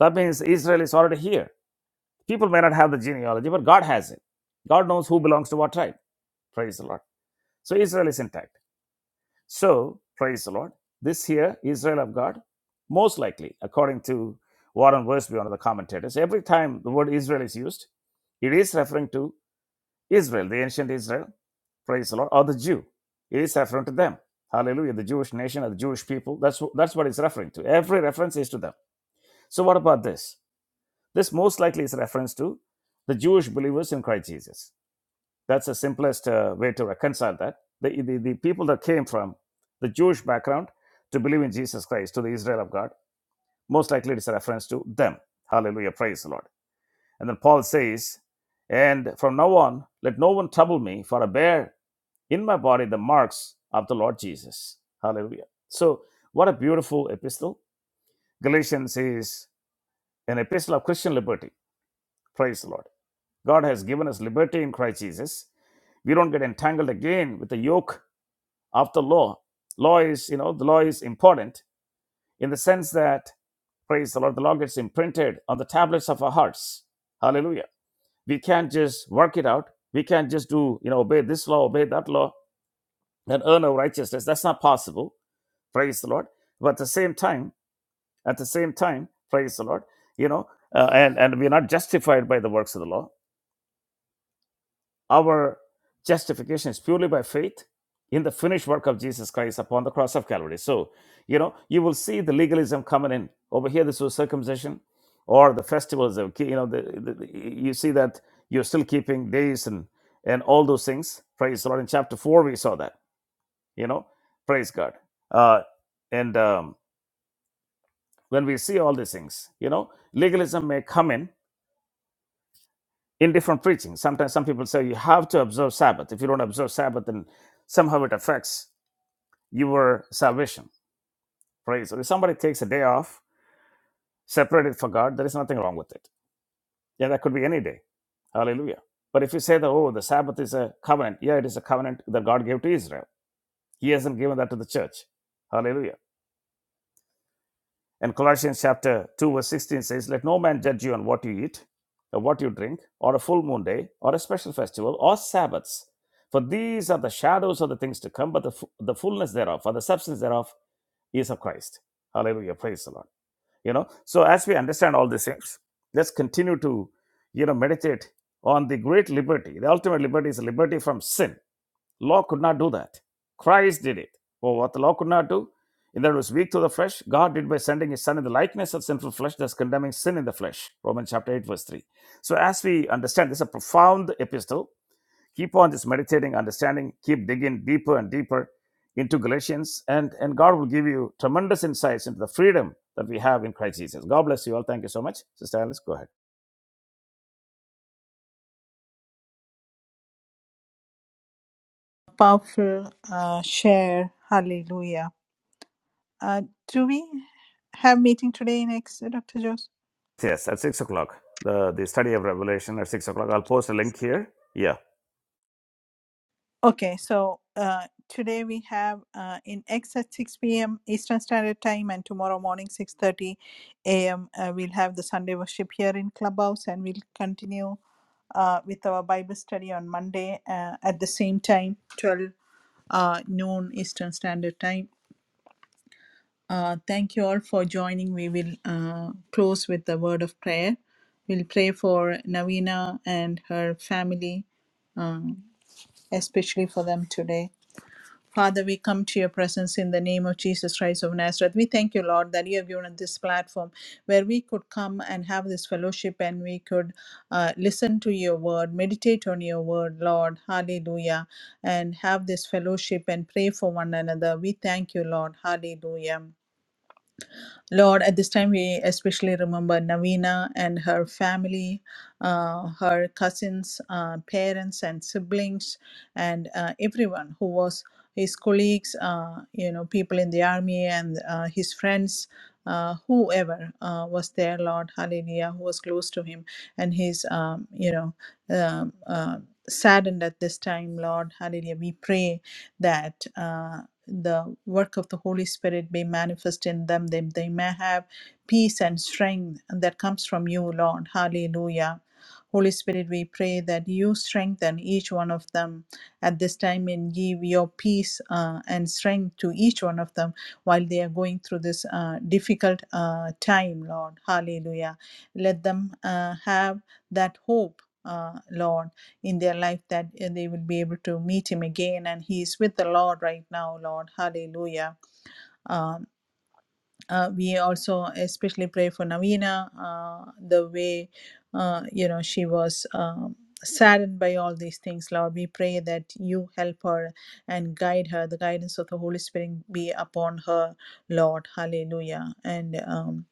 That means Israel is already here. People may not have the genealogy, but God has it. God knows who belongs to what tribe. Praise the Lord. So Israel is intact. So, praise the Lord. This here, Israel of God, most likely, according to Warren Wiersbe, one of the commentators, every time the word Israel is used, it is referring to Israel, the ancient Israel, praise the Lord, or the Jew. It is referring to them. Hallelujah. The Jewish nation or the Jewish people. That's, that's what it's referring to. Every reference is to them. So, what about this? This most likely is reference to the Jewish believers in Christ Jesus. That's the simplest uh, way to reconcile that. The, the, the people that came from the Jewish background to believe in Jesus Christ, to the Israel of God, most likely it is a reference to them. Hallelujah. Praise the Lord. And then Paul says, And from now on, let no one trouble me, for a bear in my body the marks of the Lord Jesus. Hallelujah. So, what a beautiful epistle. Galatians is an epistle of Christian liberty. Praise the Lord. God has given us liberty in Christ Jesus. We don't get entangled again with the yoke of the law. Law is, you know, the law is important in the sense that, praise the Lord, the law gets imprinted on the tablets of our hearts. Hallelujah. We can't just work it out. We can't just do, you know, obey this law, obey that law, and earn our righteousness. That's not possible praise the lord but at the same time at the same time praise the lord you know uh, and and we're not justified by the works of the law our justification is purely by faith in the finished work of jesus christ upon the cross of calvary so you know you will see the legalism coming in over here this was circumcision or the festivals of you know the, the, the- you see that you're still keeping days and and all those things praise the lord in chapter 4 we saw that you know praise god uh and um when we see all these things, you know, legalism may come in in different preaching. Sometimes some people say you have to observe Sabbath. If you don't observe Sabbath, then somehow it affects your salvation. Praise. Or if somebody takes a day off, separated for God, there is nothing wrong with it. Yeah, that could be any day. Hallelujah. But if you say that, oh, the Sabbath is a covenant, yeah, it is a covenant that God gave to Israel. He hasn't given that to the church. Hallelujah. And Colossians chapter 2, verse 16 says, Let no man judge you on what you eat, or what you drink, or a full moon day, or a special festival, or Sabbaths. For these are the shadows of the things to come, but the, fu- the fullness thereof, or the substance thereof, is of Christ. Hallelujah. Praise the Lord. You know, so as we understand all these things, let's continue to, you know, meditate on the great liberty. The ultimate liberty is liberty from sin Law could not do that. Christ did it. Well, what the law could not do, in that it was weak to the flesh, God did by sending his son in the likeness of sinful flesh, thus condemning sin in the flesh. Romans chapter 8, verse 3. So as we understand, this is a profound epistle. Keep on just meditating, understanding, keep digging deeper and deeper into Galatians, and, and God will give you tremendous insights into the freedom that we have in Christ Jesus. God bless you all. Thank you so much. Sister Alice, go ahead. powerful uh, share. Hallelujah. Uh, do we have meeting today next, Dr. Joseph? Yes, at six o'clock. The the study of Revelation at six o'clock. I'll post a link here. Yeah. Okay, so uh, today we have uh, in X at 6 p.m. Eastern Standard Time, and tomorrow morning 6:30 a.m. Uh, we'll have the Sunday worship here in Clubhouse, and we'll continue uh, with our Bible study on Monday uh, at the same time, 12 uh, noon Eastern Standard Time. Uh, thank you all for joining. We will uh, close with the word of prayer. We'll pray for Navina and her family, uh, especially for them today. Father, we come to your presence in the name of Jesus Christ of Nazareth. We thank you, Lord, that you have given us this platform where we could come and have this fellowship and we could uh, listen to your word, meditate on your word, Lord. Hallelujah. And have this fellowship and pray for one another. We thank you, Lord. Hallelujah. Lord, at this time we especially remember Navina and her family, uh, her cousins, uh, parents, and siblings, and uh, everyone who was his colleagues, uh, you know, people in the army and uh, his friends, uh, whoever uh, was there, Lord, hallelujah, who was close to him. And he's, um, you know, um uh, saddened at this time, Lord, hallelujah. We pray that. Uh, the work of the Holy Spirit be manifest in them, that they may have peace and strength that comes from you, Lord. Hallelujah. Holy Spirit, we pray that you strengthen each one of them at this time and give your peace uh, and strength to each one of them while they are going through this uh, difficult uh, time, Lord. Hallelujah. Let them uh, have that hope. Uh, Lord, in their life that uh, they will be able to meet him again and he is with the lord right now lord hallelujah Uh, uh, we also especially pray for Navina, uh, the way, uh, you know, she was um, saddened by all these things, Lord. We pray that you help her and guide her. The guidance of the Holy Spirit be upon her, Lord. Hallelujah. And um,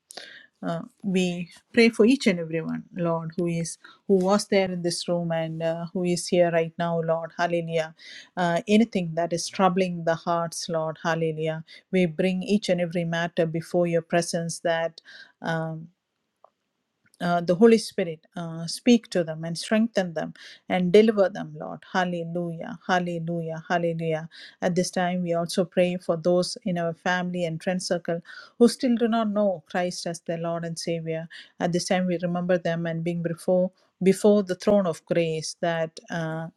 uh, we pray for each and everyone, Lord, who is who was there in this room and uh, who is here right now, Lord. Hallelujah. Uh, anything that is troubling the hearts, Lord. Hallelujah we bring each and every matter before your presence that. Um, uh, the Holy Spirit, uh, speak to them and strengthen them and deliver them, Lord. Hallelujah, hallelujah, hallelujah. At this time, we also pray for those in our family and friend circle who still do not know Christ as their Lord and Savior. At this time, we remember them and being before before the throne of grace that. Uh,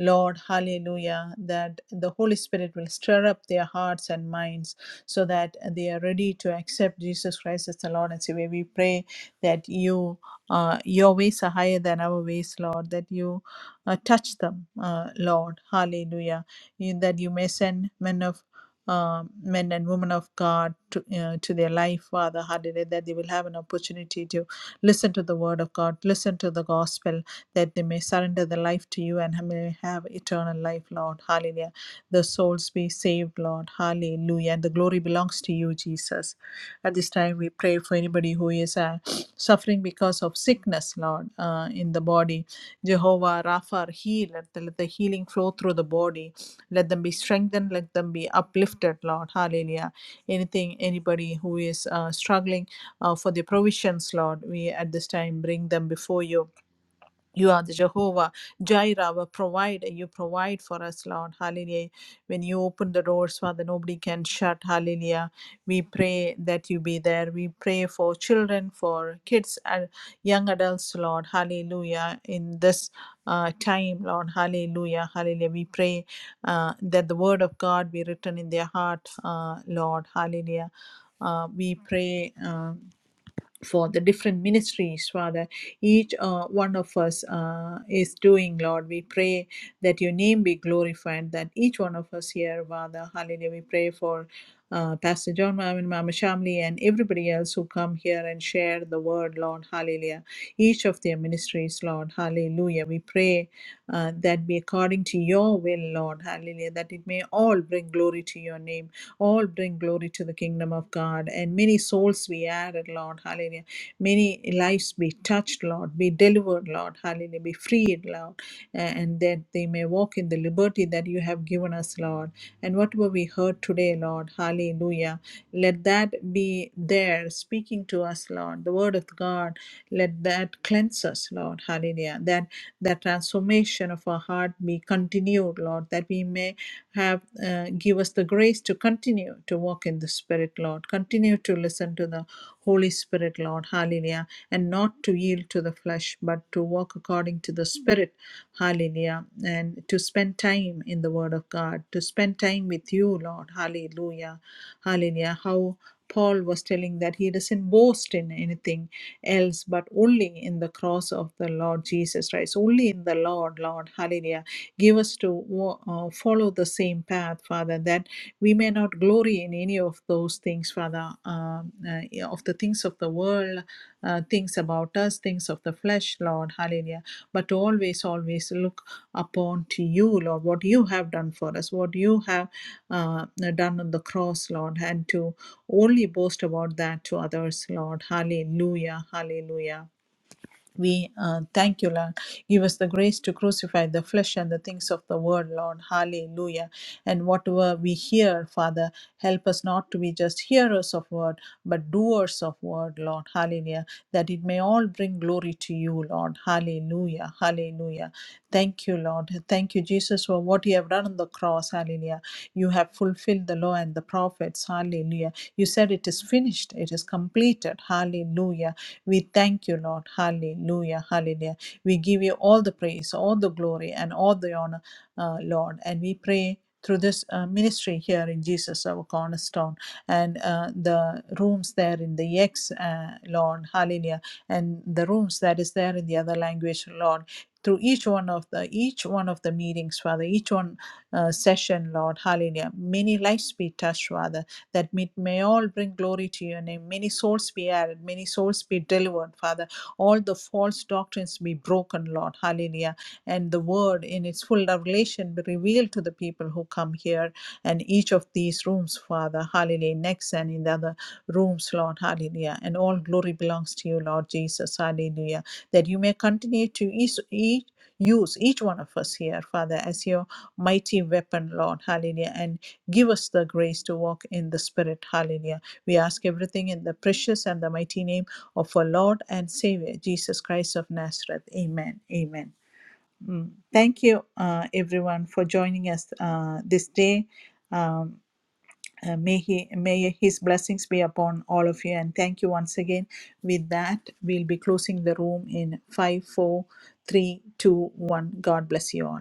Lord, hallelujah, that the Holy Spirit will stir up their hearts and minds so that they are ready to accept Jesus Christ as the Lord and Savior. We pray that you uh, your ways are higher than our ways, Lord, that you uh, touch them, uh, Lord. Hallelujah. You, that you may send men of uh, men and women of God to, uh, to their life, Father, hallelujah, that they will have an opportunity to listen to the word of God, listen to the gospel, that they may surrender their life to you and may have eternal life, Lord, hallelujah. The souls be saved, Lord, hallelujah. And the glory belongs to you, Jesus. At this time, we pray for anybody who is. Uh, suffering because of sickness, Lord, uh, in the body. Jehovah Rapha, heal. Let the, let the healing flow through the body. Let them be strengthened. Let them be uplifted, Lord. Hallelujah. Anything, anybody who is uh, struggling uh, for the provisions, Lord, we at this time bring them before you you are the Jehovah Jireh, our provider. You provide for us, Lord. Hallelujah. When you open the doors, Father, nobody can shut. Hallelujah. We pray that you be there. We pray for children, for kids, and young adults, Lord. Hallelujah. In this uh, time, Lord. Hallelujah. Hallelujah. We pray uh, that the word of God be written in their heart, uh, Lord. Hallelujah. Uh, we pray. um for the different ministries, Father. Each uh, one of us uh, is doing, Lord. We pray that your name be glorified, that each one of us here, Father, hallelujah, we pray for. Uh, Pastor John, Mama, Mama Shamli, and everybody else who come here and share the word, Lord, hallelujah. Each of their ministries, Lord, hallelujah. We pray uh, that be according to your will, Lord, hallelujah, that it may all bring glory to your name all bring glory to the kingdom of God. And many souls be added, Lord. Hallelujah. Many lives be touched, Lord. Be delivered, Lord. Hallelujah. Be freed, Lord. And that they may walk in the liberty that you have given us, Lord. And whatever we heard today, Lord. Hallelujah. Let that be there speaking to us, Lord. The word of God. Let that cleanse us, Lord. Hallelujah. That that transformation of our heart be continued, Lord. That we may have uh, give us the grace to continue to walk in the spirit lord continue to listen to the holy spirit lord hallelujah and not to yield to the flesh but to walk according to the spirit hallelujah and to spend time in the word of god to spend time with you lord hallelujah hallelujah how Paul was telling that he doesn't boast in anything else but only in the cross of the Lord Jesus Christ, only in the Lord, Lord, hallelujah. Give us to uh, follow the same path, Father, that we may not glory in any of those things, Father, um, uh, yeah, of the things of the world, uh, things about us, things of the flesh, Lord. Hallelujah. But always, always look upon to you, Lord, what you have done for us, what you have uh, done on the cross, Lord, and to only boast about that to others, Lord. Hallelujah. Hallelujah. We uh, thank you, Lord. Give us the grace to crucify the flesh and the things of the world, Lord. Hallelujah. And whatever we hear, Father, help us not to be just hearers of word, but doers of word, Lord. Hallelujah. That it may all bring glory to you, Lord. Hallelujah. Hallelujah. Thank you, Lord. Thank you, Jesus, for what you have done on the cross. Hallelujah. You have fulfilled the law and the prophets. Hallelujah. You said it is finished, it is completed. Hallelujah. We thank you, Lord. Hallelujah. Hallelujah. We give you all the praise, all the glory, and all the honor, uh, Lord. And we pray through this uh, ministry here in Jesus, our cornerstone, and uh, the rooms there in the X, uh, Lord. Hallelujah. And the rooms that is there in the other language, Lord. Through each one of the each one of the meetings, Father, each one uh, session, Lord, Hallelujah. Many lives be touched, Father that it may all bring glory to your name. Many souls be added, many souls be delivered, Father. All the false doctrines be broken, Lord. Hallelujah. And the word in its full revelation be revealed to the people who come here and each of these rooms, Father. Hallelujah. Next and in the other rooms, Lord. Hallelujah. And all glory belongs to you, Lord Jesus. Hallelujah. That you may continue to each, each use each one of us here, Father, as your mighty weapon, Lord. Hallelujah. And Give us the grace to walk in the Spirit. Hallelujah. We ask everything in the precious and the mighty name of our Lord and Savior, Jesus Christ of Nazareth. Amen. Amen. Mm. Thank you, uh, everyone, for joining us uh, this day. Um, uh, may he may his blessings be upon all of you and thank you once again with that we'll be closing the room in five four three two one god bless you all